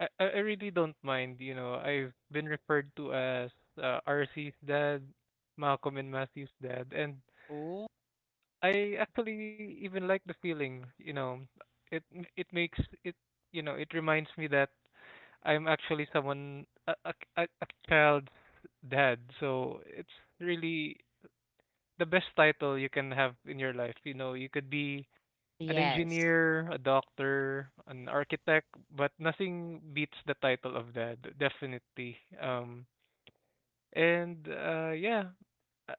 C: I I I really don't mind, you know. I've been referred to as uh, R C's dad, Malcolm and Matthew's dad, and
A: Oh,
C: I actually even like the feeling, you know. It it makes it, you know, it reminds me that I'm actually someone a a, a a child's dad. So it's really the best title you can have in your life. You know, you could be an
B: Yes.
C: engineer, a doctor, an architect, but nothing beats the title of that, definitely. Um, and uh, yeah,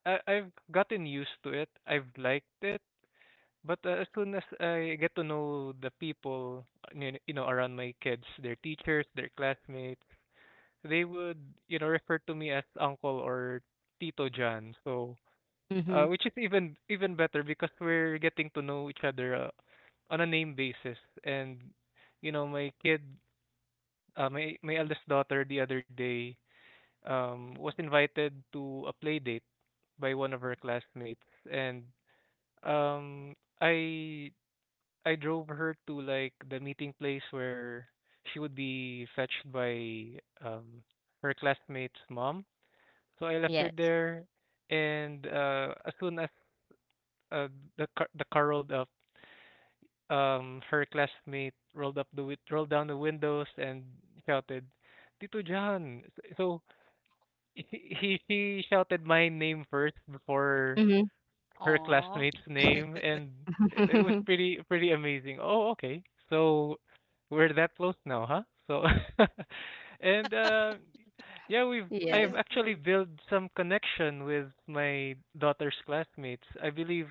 C: I- I- I've gotten used to it. I've liked it, but uh, as soon as I get to know the people, uh, you you know, around my kids, their teachers, their classmates, they would, you know, refer to me as Uncle or Tito John. So uh,
B: Mhm.
C: which is even even better because we're getting to know each other uh, on a name basis. And you know, my kid, uh, my my eldest daughter, the other day, um, was invited to a play date by one of her classmates, and um, I I drove her to like the meeting place where she would be fetched by um her classmate's mom. So I left her
B: Yes.
C: there, and uh, as soon as uh, the car the car rolled up, um, her classmate rolled up the wi- rolled down the windows and shouted, "Tito John!" So [laughs] he he she shouted my name first before
B: Mhm.
C: her
A: aw.
C: classmate's name,
A: [laughs]
C: and it it was
B: Mhm. [laughs]
C: pretty pretty amazing. Oh, okay. So we're that close now, huh? So [laughs] and uh, yeah, we've
A: We're
B: Yes.
C: I've
A: that
C: actually
A: close.
C: built some connection with my daughter's classmates. I believe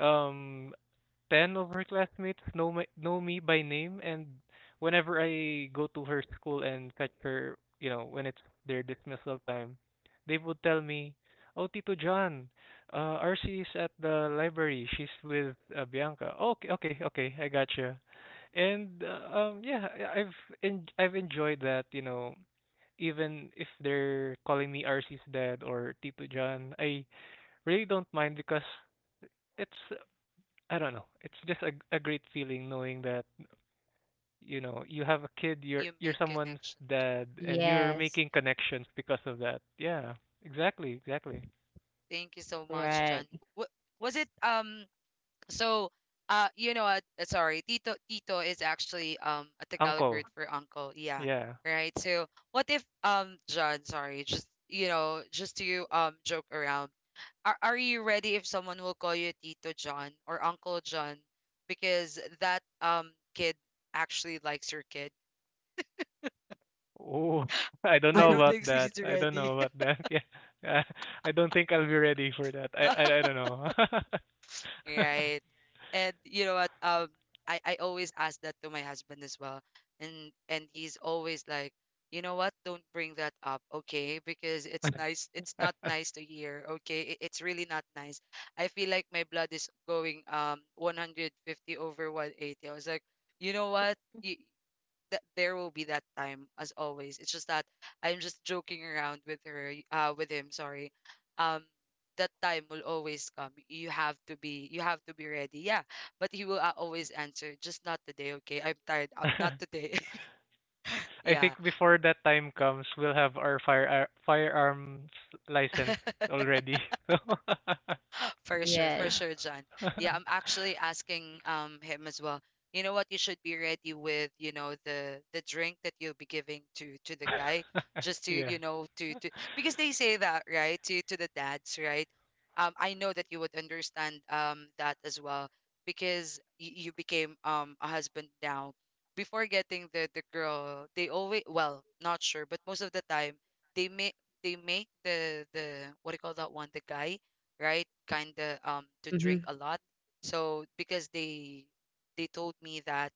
C: um, ten of her classmates know my, know me by name, and whenever I go to her school and fetch her, you know, when it's their dismissal time, they would tell me, "Oh, Tito John, uh, R C is at the library. She's with uh, Bianca." Okay, okay, okay, I gotcha. And uh, um, yeah, I- I've en- I've enjoyed that, you know, even if they're calling me R C's dad or Tito John, I really don't mind because it's I don't know. It's just a a great feeling knowing that you know you have a kid, you're
A: You
C: you're
A: make
C: someone's
A: connection.
C: dad, and you're
B: Yes.
C: making connections because of that. Yeah, exactly, exactly.
A: Thank you so much,
B: Right.
A: John. What was it? Um, So, uh, you know what? Uh, Sorry, tito tito is actually um a Tagalog word
C: Uncle.
A: for uncle. Yeah,
C: Yeah.
A: right. So, what if um John? Sorry, just you know, just to um joke around. Are Are you ready if someone will call you Tito John or Uncle John because that um kid actually likes your kid?
C: Oh, [laughs] I don't
A: I
C: know
A: don't
C: about
B: [laughs]
A: think
C: that.
A: he's
C: I don't
A: ready.
C: know about that. [laughs] Yeah, yeah. I don't think I'll be ready for that. I
A: [laughs]
C: I, I don't know.
A: Right. And you know what? Um, I I always ask that to my husband as well, and and he's always like, you know what? Don't bring that up, okay? Because it's nice.
C: [laughs]
A: It's not nice to hear, okay? It, it's really not nice. I feel like my blood is going um one hundred fifty over one eighty. I was like, you know what? That there will be that time as always. It's just that I'm just joking around with her, uh, with him. Sorry. Um, that time will always come. You have to be, you have to be ready. Yeah, but he will, uh, always answer, just not today, okay? I'm tired. Uh, not
C: [laughs]
A: today. [laughs]
C: I think
A: Yeah.
C: before that time comes, we'll have our fire firearms license
A: [laughs]
C: already. [laughs]
A: For sure, for
B: Yes.
A: sure, John.
C: So
A: Yeah, I'm
C: [laughs]
A: actually asking um him as well. You know what? You should be ready with, you know, the the drink that you'll be giving to to the guy,
C: [laughs]
A: just to,
C: Yeah.
A: you know, to to, because they say that, right? To to the dads, right? Um, I know that you would understand um that as well because y you became um a husband now. Before getting the the girl, they always, well, not sure, but most of the time they make, they make the the what do you call that one? The guy, right? Kind of um to drink
B: Hmm.
A: a lot. So because they, they told me that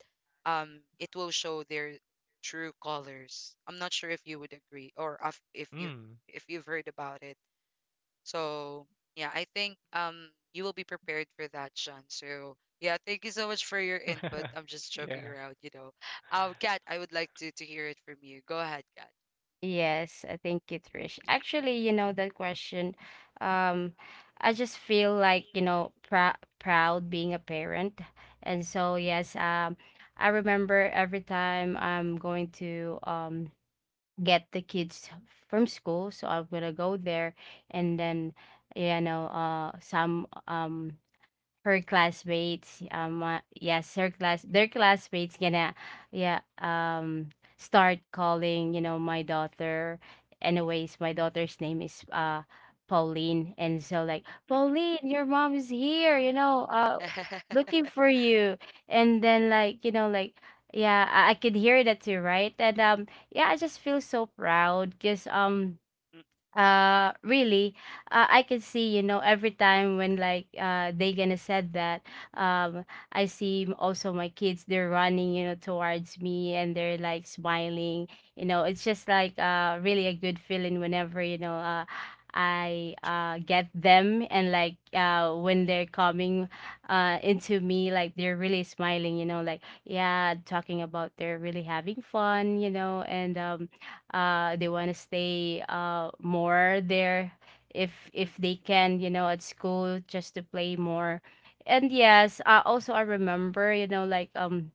A: um it will show their true colors. I'm not sure if you would agree, or if if you,
C: Mm.
A: if you've heard about it. So yeah, I think um you will be prepared for that, Sean. So yeah, thank you so much for your input.
C: [laughs]
A: I'm just joking
C: Yeah.
A: around, you know. Um, Kat, I would like to to hear it from you. Go ahead, Kat.
B: Yes, I think it's rich. Actually, you know that question. Um, I just feel like, you know, prou proud being a parent. And so, yes, um, I remember every time I'm going to um get the kids from school. So I'm gonna go there and then, you know, uh some um her classmates, um uh, yes, her class, their classmates gonna, yeah, um start calling, you know, my daughter. Anyways, my daughter's name is uh Pauline. And so like, "Pauline, your mom is here, you know, uh
A: [laughs]
B: looking for you." And then like, you know, like yeah, I, I could hear that too, right. And um yeah, I just feel so proud because um uh, really, uh, I can see, you know, every time when like uh they gonna said that, um, I see m- also my kids, they're running, you know, towards me, and they're like smiling, you know. It's just like uh really a good feeling whenever, you know, uh I uh get them. And like uh when they're coming uh into me, like they're really smiling, you know, like yeah, talking about they're really having fun, you know. And um uh they want to stay uh more there if if they can, you know, at school, just to play more. And yes, uh, also I remember, you know, like um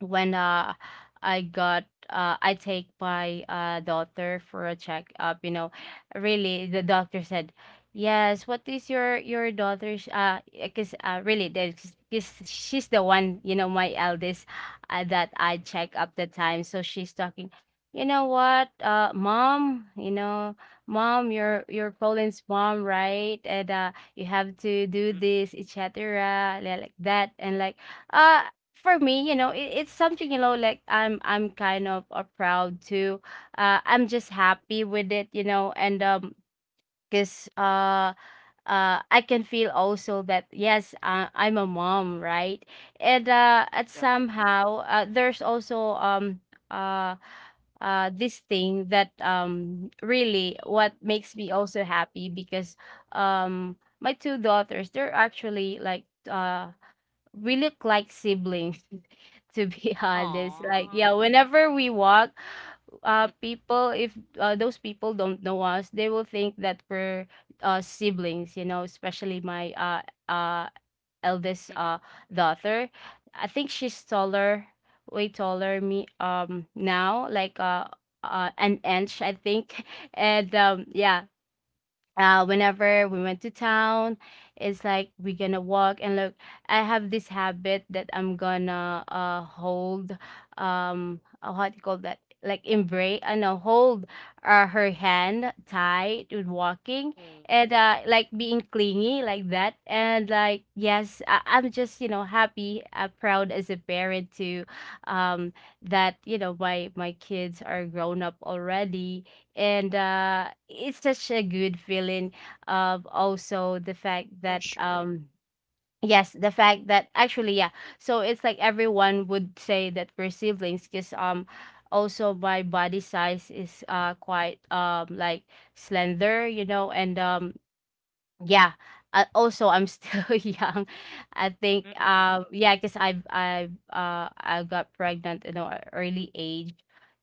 B: when uh I got uh I take my uh daughter for a checkup, you know, really, the doctor said, "Yes, what is your your daughter's uh because uh really there's cause she's the one, you know, my eldest, uh, that I check up the time." So she's talking, "You know what? Uh mom, you know, mom, you're you're Colin's mom, right? And uh you have to do this, et cetera" like that. And like uh for me, you know, it, it's something, you know, like I'm I'm kind of uh, proud too. Uh, I'm just happy with it, you know. And um, cause uh uh I can feel also that yes, uh, I'm a mom, right? And uh, at
A: Definitely.
B: somehow, uh, there's also um uh uh this thing that um really what makes me also happy because um my two daughters, they're actually like uh we look like siblings [laughs] to be honest. Like
A: Aw.
B: yeah, whenever we walk uh people, if uh, those people don't know us, they will think that we're uh siblings, you know, especially my uh uh eldest
A: Mm,
B: uh daughter. I think she's taller, way taller me um now, like uh uh, an inch I think. [laughs] And um yeah, uh, whenever we went to town, it's like we're gonna walk and look. I have this habit that I'm gonna uh hold, um uh, what do you call that? Like embrace, I know, hold uh, her hand tight with walking,
A: mm,
B: and uh like being clingy like that. And like yes, I- I'm just, you know, happy, uh, proud as a parent to um that, you know, my my kids are grown up already. And uh it's such a good feeling of also the fact
A: for
B: that
A: sure.
B: um yes, the fact that actually, yeah, so it's like everyone would say that we're siblings because um also my body size is uh quite um like slender, you know. And um yeah. Uh, also, I'm still [laughs] young, I think.
A: Mm, mm, mm,
B: Um, yeah, because I've I've uh I got pregnant in an early age.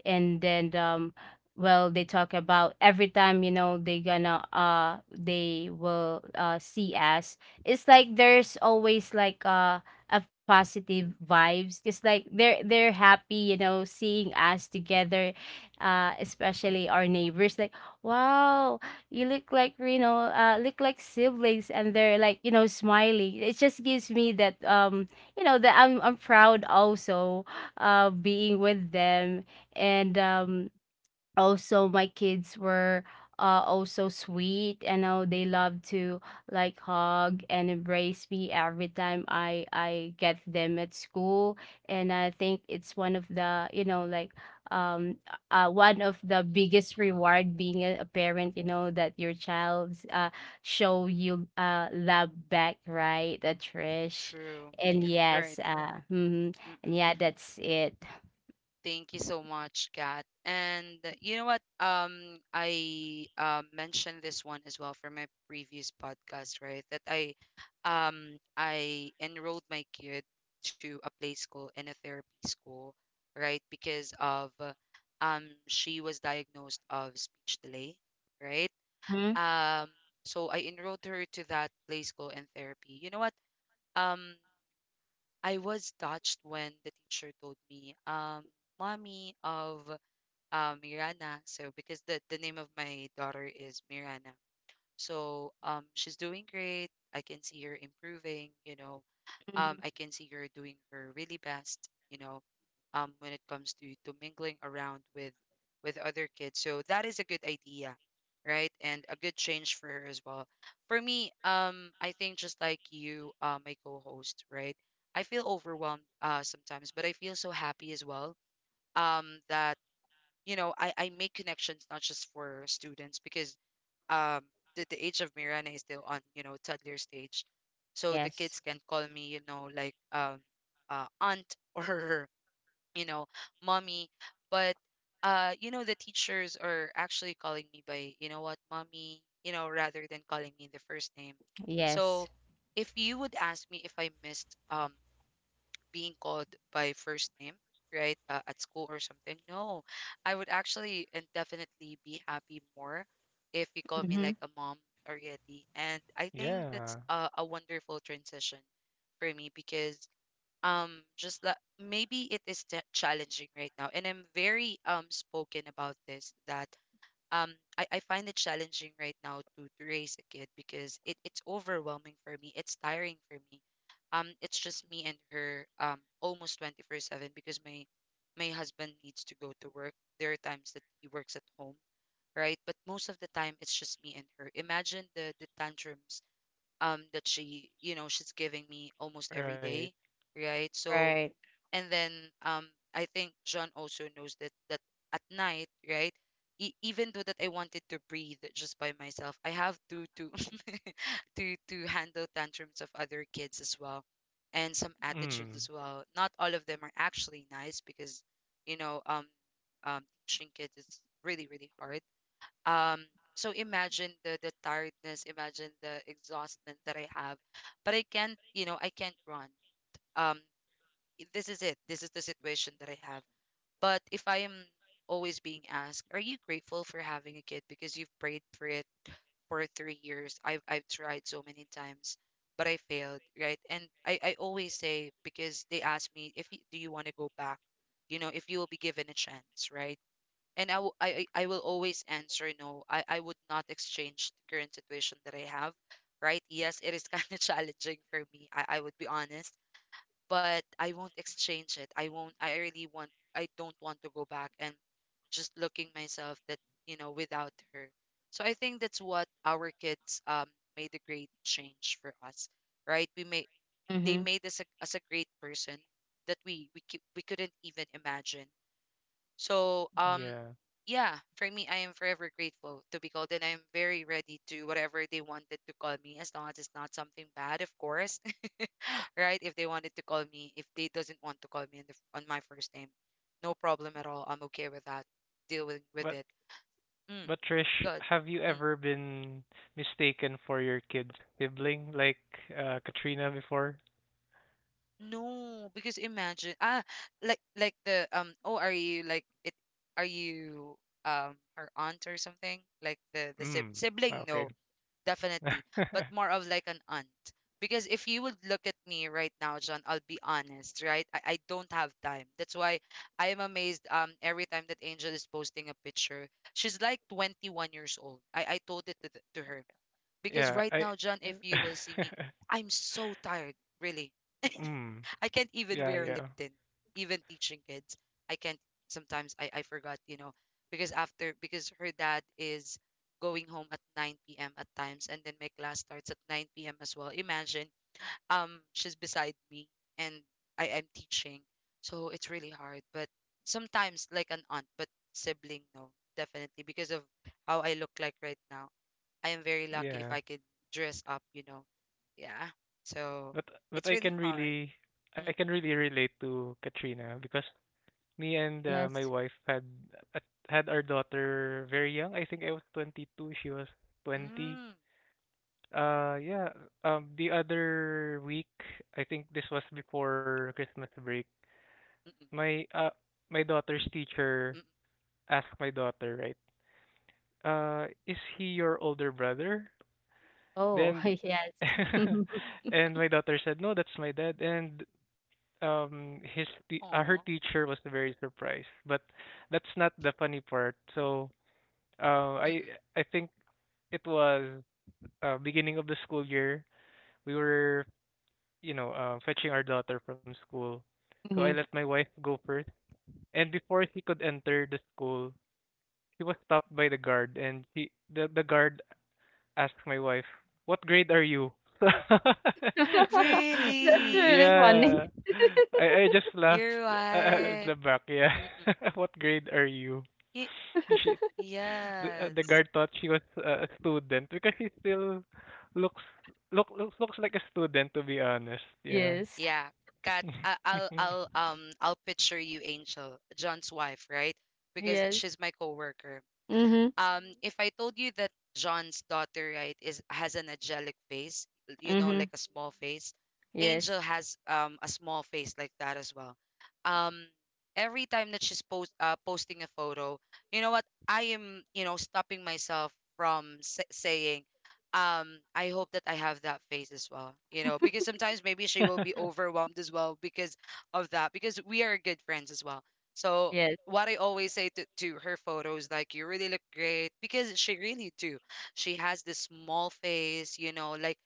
B: And then um, well, they talk about every time, you know, they gonna, uh they will uh see us. It's like there's always like uh a positive vibes. It's like they're they're happy, you know, seeing us together, uh, especially our neighbors. Like, wow, you look like, you know, uh, look like
A: mm,
B: siblings. And they're like, you know, smiling. It just gives me that um you know, that i'm i'm proud also uh being with them. And um also my kids were uh, also sweet, you know. They love to like hug and embrace me every time i i get them at school. And I think it's one of the, you know, like um uh one of the biggest reward being a, a
A: mm.
B: parent, you know, that your child's uh show you uh love back, right, uh, Trish?
A: True.
B: And yes
A: Right.
B: uh mhm. And
A: Mm-mm.
B: yeah, that's it.
A: Thank you so much, Kat. And uh, you know what? Um, I uh, mentioned this one as well for my previous podcast, right? That I, um, I enrolled my kid to a play school and a therapy school, right? Because of, uh, um, she was diagnosed of speech delay, right?
B: Mhm,
A: Um, so I enrolled her to that Play School and Therapy. You know what? Um, I was touched when the teacher told me, um, mommy of uh, Mirana. So because the, the name of my daughter is Mirana. So um, she's doing great. I can see her improving, you know, um,
B: mhm.
A: I can see you're doing her really best, you know, um, when it comes to to mingling around with with other kids. So that is a good idea, right? And a good change for her as well. For me, um, I think just like you, uh, my co-host, right? I feel overwhelmed, uh, sometimes, but I feel so happy as well. Um, that you know, I I make connections not just for students because um the, the age of Mirana is still on, you know, toddler stage, so the
B: Yes.
A: kids can call me, you know, like um uh, aunt [laughs] or you know mommy, but uh you know the teachers are actually calling me by, you know what, mommy, you know, rather than calling me the first name, so
B: Yes.
A: if you would ask me if I missed um being called by first name, right? Uh, at school or something. No, I would actually and definitely be happy more if you call me
B: Mm-hmm.
A: like a mom already. And I think that's
C: Yeah.
A: a, a wonderful transition for me because um just like maybe it is t- challenging right now, and I'm very um spoken about this that um I, I find it challenging right now to, to raise a kid because it, it's overwhelming for me. It's tiring for me. Um it's just me and her um almost twenty-four seven because my my husband needs to go to work. There are times that he works at home, right? But most of the time it's just me and her. Imagine the the tantrums um that she, you know, she's giving me almost every
C: Right.
A: day, right? So
B: Right.
A: and then um I think John also knows that that at night, right? E- even though that I wanted to breathe just by myself, I have to to [laughs] to to handle tantrums of other kids as well, and some attitudes
C: Mm.
A: as well. Not all of them are actually nice because, you know, um, um, teaching kids is really really hard. Um, so imagine the the tiredness, imagine the exhaustment that I have, but I can't, you know, I can't run. Um, this is it. This is the situation that I have. But if I am always being asked, are you grateful for having a kid because you've prayed for it for three years? I've I've tried so many times, but I failed, right? And I, I always say because they ask me if you, do you want to go back, you know, if you will be given a chance, right? And I, will- I, I I will always answer no. I, I would not exchange the current situation that I have, right? Yes, it is [laughs] kind of challenging for me. I, I would be honest, but I won't exchange it. I won't. I really want. I don't want to go back and just looking myself that, you know, without her. So I think that's what our kids um made a great change for us, right? We made They
B: Mm-hmm.
A: made us a, us a great person that we we cou- we couldn't even imagine. So um
C: Yeah.
A: yeah, for me, I am forever grateful to be called, and I'm very ready to whatever they wanted to call me, as long as it's not something bad, of course, right? If they wanted to call me, if they doesn't want to call me on, the, on my first name, no problem at all. I'm okay with that. Dealing with
C: But
A: it. Mm,
C: but Trish,
A: good.
C: have you
A: Mm.
C: ever been mistaken for your kid's sibling, like uh Katrina, before?
A: No, because imagine, ah, like like the um oh, are you like it, are you um her aunt or something, like the the
C: Mm.
A: sib- sibling?
C: Okay.
A: No, definitely, but
C: [laughs]
A: more of like an aunt. Because if you would look at me right now, John, I'll be honest, right? I, I don't have time. That's why I am amazed um every time that Angel is posting a picture. She's like twenty-one years old. I, I told it to, th- to her. Because
C: Yeah,
A: right
C: I
A: now, John, if you will see me,
C: [laughs]
A: I'm so tired, really.
C: Mm.
A: I can't even
C: Yeah,
A: wear a
C: yeah.
A: lip tint, even teaching kids. I can't sometimes I, I forgot, you know, because after because her dad is going home at nine p m at times and then my class starts at nine p m as well. Imagine um she's beside me and I am teaching. So it's really hard. But sometimes like an aunt, but sibling no, definitely, because of how I look like right now. I am very lucky if
C: Yeah.
A: I can dress up, you know. Yeah. So
C: But but
A: it's
C: I
A: really
C: can
A: hard.
C: really I can really relate to Katrina because me and uh, my
B: Yes.
C: wife had had our daughter very young. I think I was twenty-two, she was twenty.
A: Hmm,
C: Uh yeah, um the other week, I think this was before Christmas break.
A: mm,
C: My uh my daughter's teacher
A: mm,
C: asked my daughter, right? Uh is he your older brother?
A: mm,
B: Oh,
C: Then
B: [laughs] yes.
C: [laughs]
B: [laughs]
C: and my daughter said, "No, that's my dad." And um his te- uh, her
A: aw,
C: teacher was very surprised, but that's not the funny part. So Uh, I
A: mm, mm,
C: I think it was uh, beginning of the school year. We were, you know, uh, fetching our daughter from school. So I
B: Mm-hmm.
C: let
A: mm.
C: my wife go first. And before she could enter the school, she was stopped by the guard, and she the, the guard asked my wife, "What grade are you?" [laughs]
B: That's
A: Really?
B: really funny.
C: Yeah.
B: [laughs]
C: I I just laughed
A: Your
C: uh, uh,
A: wife?
C: in the back. Yeah.
A: Mm-mm.
C: [laughs] What grade are you?
A: Y-
C: She, the, uh, the
A: yes.
C: guard thought she was uh, a student because she still looks look looks looks like a student to be honest. Yeah.
B: Yes.
A: Yeah. Kat, I- I'll I'll um I'll picture you, Angel, John's wife, right? Because
B: Yes.
A: she's my coworker.
B: Mm-hmm.
A: Um if I told you that John's daughter right is has an angelic face, you know,
B: Mm-hmm.
A: like a small face,
B: Yes.
A: Angel has um a small face like that as well. Um every time that she's post uh, posting a photo, you know what? I am, you know, stopping myself from sa- saying um I hope that I have that face as well, you know, because sometimes maybe she will be
C: [laughs]
A: overwhelmed as well because of that, because we are good friends as well. So
B: Yes.
A: what I always say to, to her photos, like you really look great because she really do. She has this small face, you know, like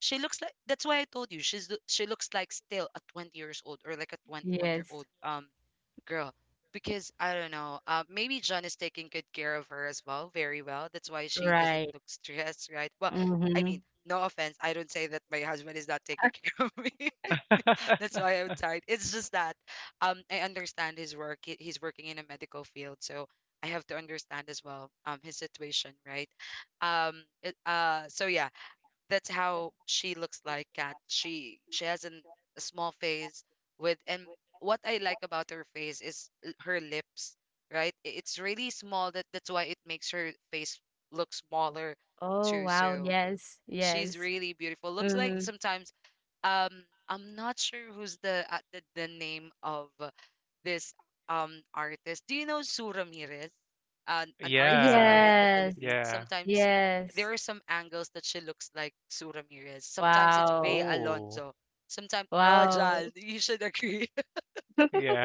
A: she looks like that's why I told you she's lo- she looks like still a twenty years old or like a 21 year
B: Yes.
A: old um girl because I don't know, uh, maybe John is taking good care of her as well, very well. That's why she doesn't
B: Right.
A: look stressed, right? Well, I
B: Mm-hmm.
A: mean, no offense, I don't say that my husband is not taking [laughs] care of me. [laughs] That's why I'm tired. It's just that um I understand his work. He, he's working in a medical field, so I have to understand as well um his situation, right? Um it, uh so yeah, that's how she looks like, Kat. She she has an, a small face, with and what I like about her face is l- her lips, right? I- It's really small that that's why it makes her face look smaller
B: Oh,
A: too.
B: wow.
A: So
B: Yes.
A: she's
B: Yes.
A: really beautiful. Looks like
B: Mm-hmm.
A: sometimes um I'm not sure who's the uh, the, the name of this um artist. Do you know Sue Ramirez? An an artist
C: Yeah.
A: here in the
B: Yes.
A: Philippines.
C: Yeah.
A: Sometimes
B: Yes.
A: there are some angles that she looks like Sue Ramirez. Sometimes it's Bea
B: Wow.
C: Oh.
A: Alonzo. Sometimes oh Jal,
B: Wow.
A: you should [laughs] agree.
C: Yeah.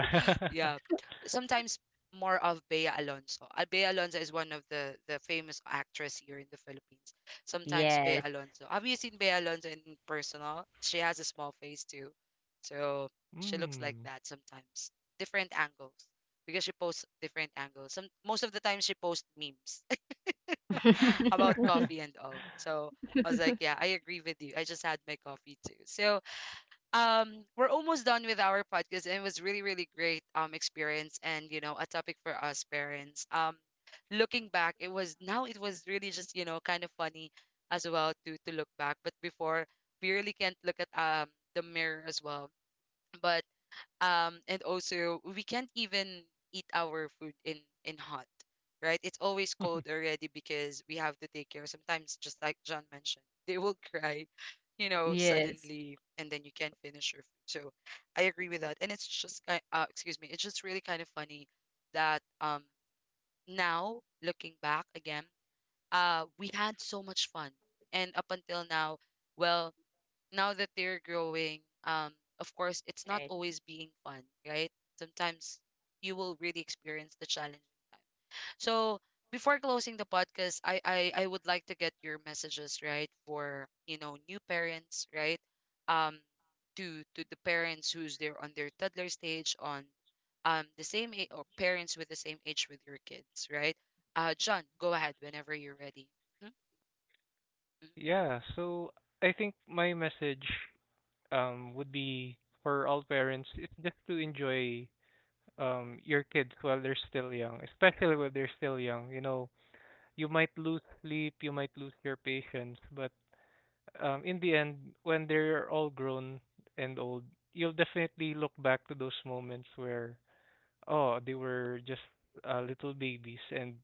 A: Yeah. Sometimes more of Bea Alonso. Uh, Bea Alonso is one of the the famous actress here in the Philippines. Sometimes Bea
B: Yes.
A: Alonso. Have you seen Bea Alonso in personal? She has a small face too. So
C: [laughs]
A: she looks like
C: mm.
A: that sometimes. Different angles. Because she posts different angles. Some most of the time she posts memes [laughs] about
B: [laughs]
A: coffee
C: [laughs]
A: and all. So I was like, yeah, I agree with you. I just had my coffee too. So um we're almost done with our podcast, and it was really really great um experience, and you know, a topic for us parents. Um looking back, it was now it was really just, you know, kind of funny as well to to look back, but before we really can't look at um the mirror as well, but um and also we can't even eat our food in in hot, right? It's always cold already because we have to take care sometimes, just like John mentioned, [laughs] they will cry, you know,
B: Yes.
A: suddenly, and then you can't finish your food. So I agree with that, and it's just kind uh, excuse me, it's just really kind of funny that um now looking back again, uh we had so much fun, and up until now, well, now that they're growing, um, of course, it's not
B: Right.
A: always being fun, right? Sometimes you will really experience the challenging time. So before closing the podcast, I, I, I would like to get your messages, right, for you know, new parents, right, um, to to the parents who's there on their toddler stage, on um the same age or parents with the same age with your kids, right? Uh, John, go ahead whenever you're ready. Mhm, mhm.
C: Yeah, so I think my message um would be for all parents is just to enjoy um your kids while they're still young, especially when they're still young. You know, you might lose sleep, you might lose your patience, but um, in the end, when they're all grown and old, you'll definitely look back to those moments where, oh, they were just uh, little babies, and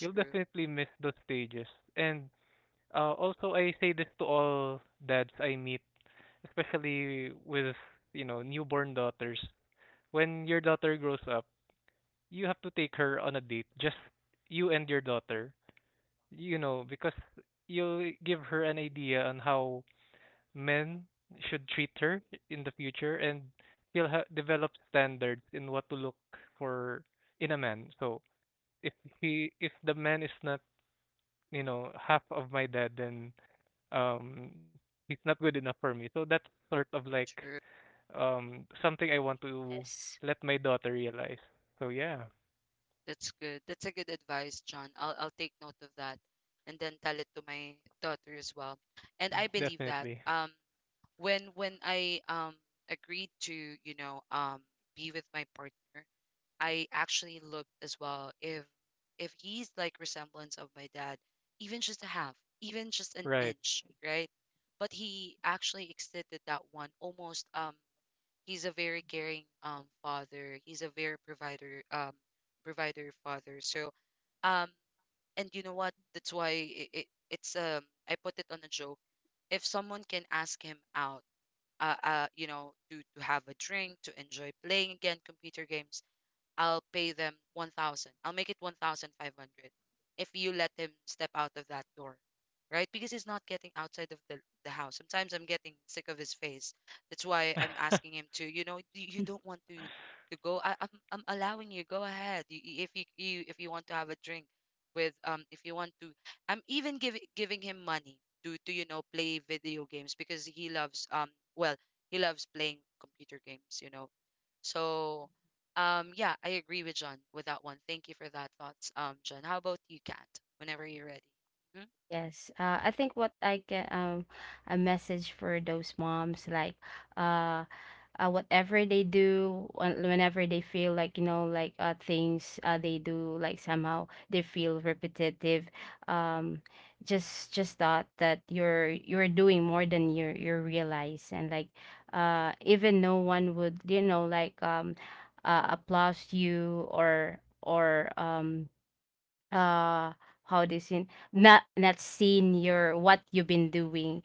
C: you'll definitely miss those stages. And uh, also, I say this to all dads I meet, especially with, you know, newborn daughters. When your daughter grows up, you have to take her on a date, just you and your daughter, you know, because you'll give her an idea on how men should treat her in the future, and she'll ha- develop standards in what to look for in a man. So if he, if the man is not, you know, half of my dad, then um, he's not good enough for me. So that's sort of like
A: true.
C: um something I want to
B: Yes.
C: let my daughter realize. So yeah,
A: That's good. That's a good advice, John. I'll I'll take note of that and then tell it to my daughter as well. And I believe that
C: definitely.
A: um when when I um agreed to, you know, um be with my partner, I actually looked as well if if he's like resemblance of my dad, even just a half, even just an
C: Right.
A: inch, right? But he actually exceeded that one almost um. He's a very caring um father. He's a very provider um provider father. So um and you know what? That's why it, it it's um I put it on a joke. If someone can ask him out, uh, uh you know, to to have a drink, to enjoy playing again computer games, I'll pay them one thousand. I'll make it one thousand five hundred if you let him step out of that door, right? Because he's not getting outside of the, the house. Sometimes I'm getting sick of his face. That's why I'm asking him
C: [laughs]
A: to, you know, you, you don't want to to go. I, I'm I'm allowing you. Go ahead. You, you- if you, you if you want to have a drink with um if you want to, I'm even giving giving him money to to you know, play video games because he loves um well he loves playing computer games. You know, so um, yeah, I agree with John with that one. Thank you for that thoughts, um, John. How about you, Kat? Whenever you're ready. Mm-hmm.
B: Yes. Uh, I think what I can, um a message for those moms like uh, uh whatever they do when-, whenever they feel like, you know, like uh things uh they do, like somehow they feel repetitive. um just, just thought that you're you're doing more than you you realize. And like uh even no one would, you know, like um uh, applaud you or or um uh how this in, not, not seen your what you've been doing.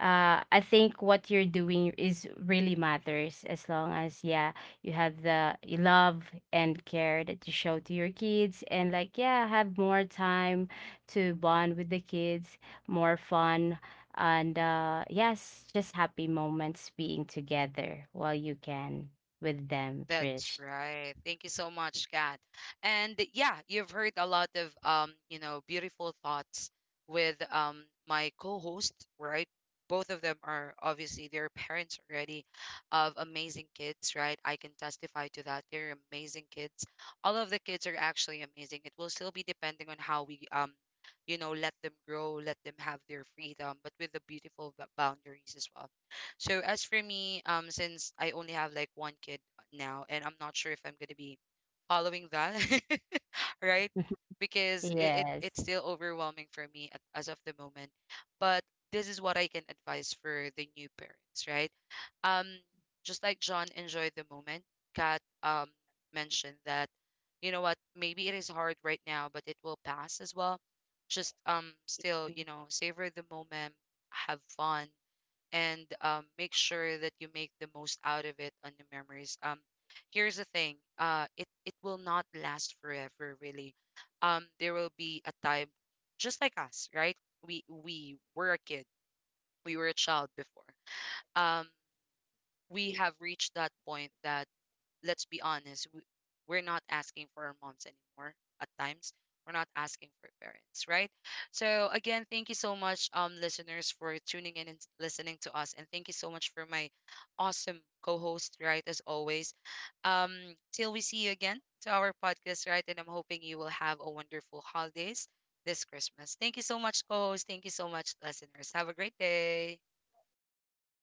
B: uh I think what you're doing is really matters. As long as yeah, you have the love and care that you show to your kids, and like yeah, have more time to bond with the kids, more fun. And uh yes, just happy moments being together while you can with them,
A: That's
B: Trish.
A: right. Thank you so much, Kat. And yeah, you've heard a lot of um, you know, beautiful thoughts with um my co-host, right? Both of them are obviously they're parents already of amazing kids, right? I can testify to that. They're amazing kids. All of the kids are actually amazing. It will still be depending on how we um, you know, let them grow, let them have their freedom, but with the beautiful b- boundaries as well. So as for me, um, since I only have like one kid now, and I'm not sure if I'm going to be following that, [laughs] right?
B: [laughs]
A: Because it, it
B: Yes.
A: it's still overwhelming for me at, as of the moment. But this is what I can advise for the new parents, right? Um, just like John enjoyed the moment, Kat um mentioned that, you know what, maybe it is hard right now, but it will pass as well. Just um still, you know, savor the moment, have fun, and um, make sure that you make the most out of it on the memories. Um, here's the thing, uh, it it will not last forever, really. Um, there will be a time, just like us, right? We we were a kid, we were a child before. Um, we have reached that point that let's be honest, w- we're not asking for our moms anymore at times. We're not asking for parents, right? So again, thank you so much, um, listeners, for tuning in and s- listening to us, and thank you so much for my awesome co-host, right? As always, um, till we see you again to our podcast, right? And I'm hoping you will have a wonderful holidays this Christmas. Thank you so much, co-host. Thank you so much, listeners. Have a great day.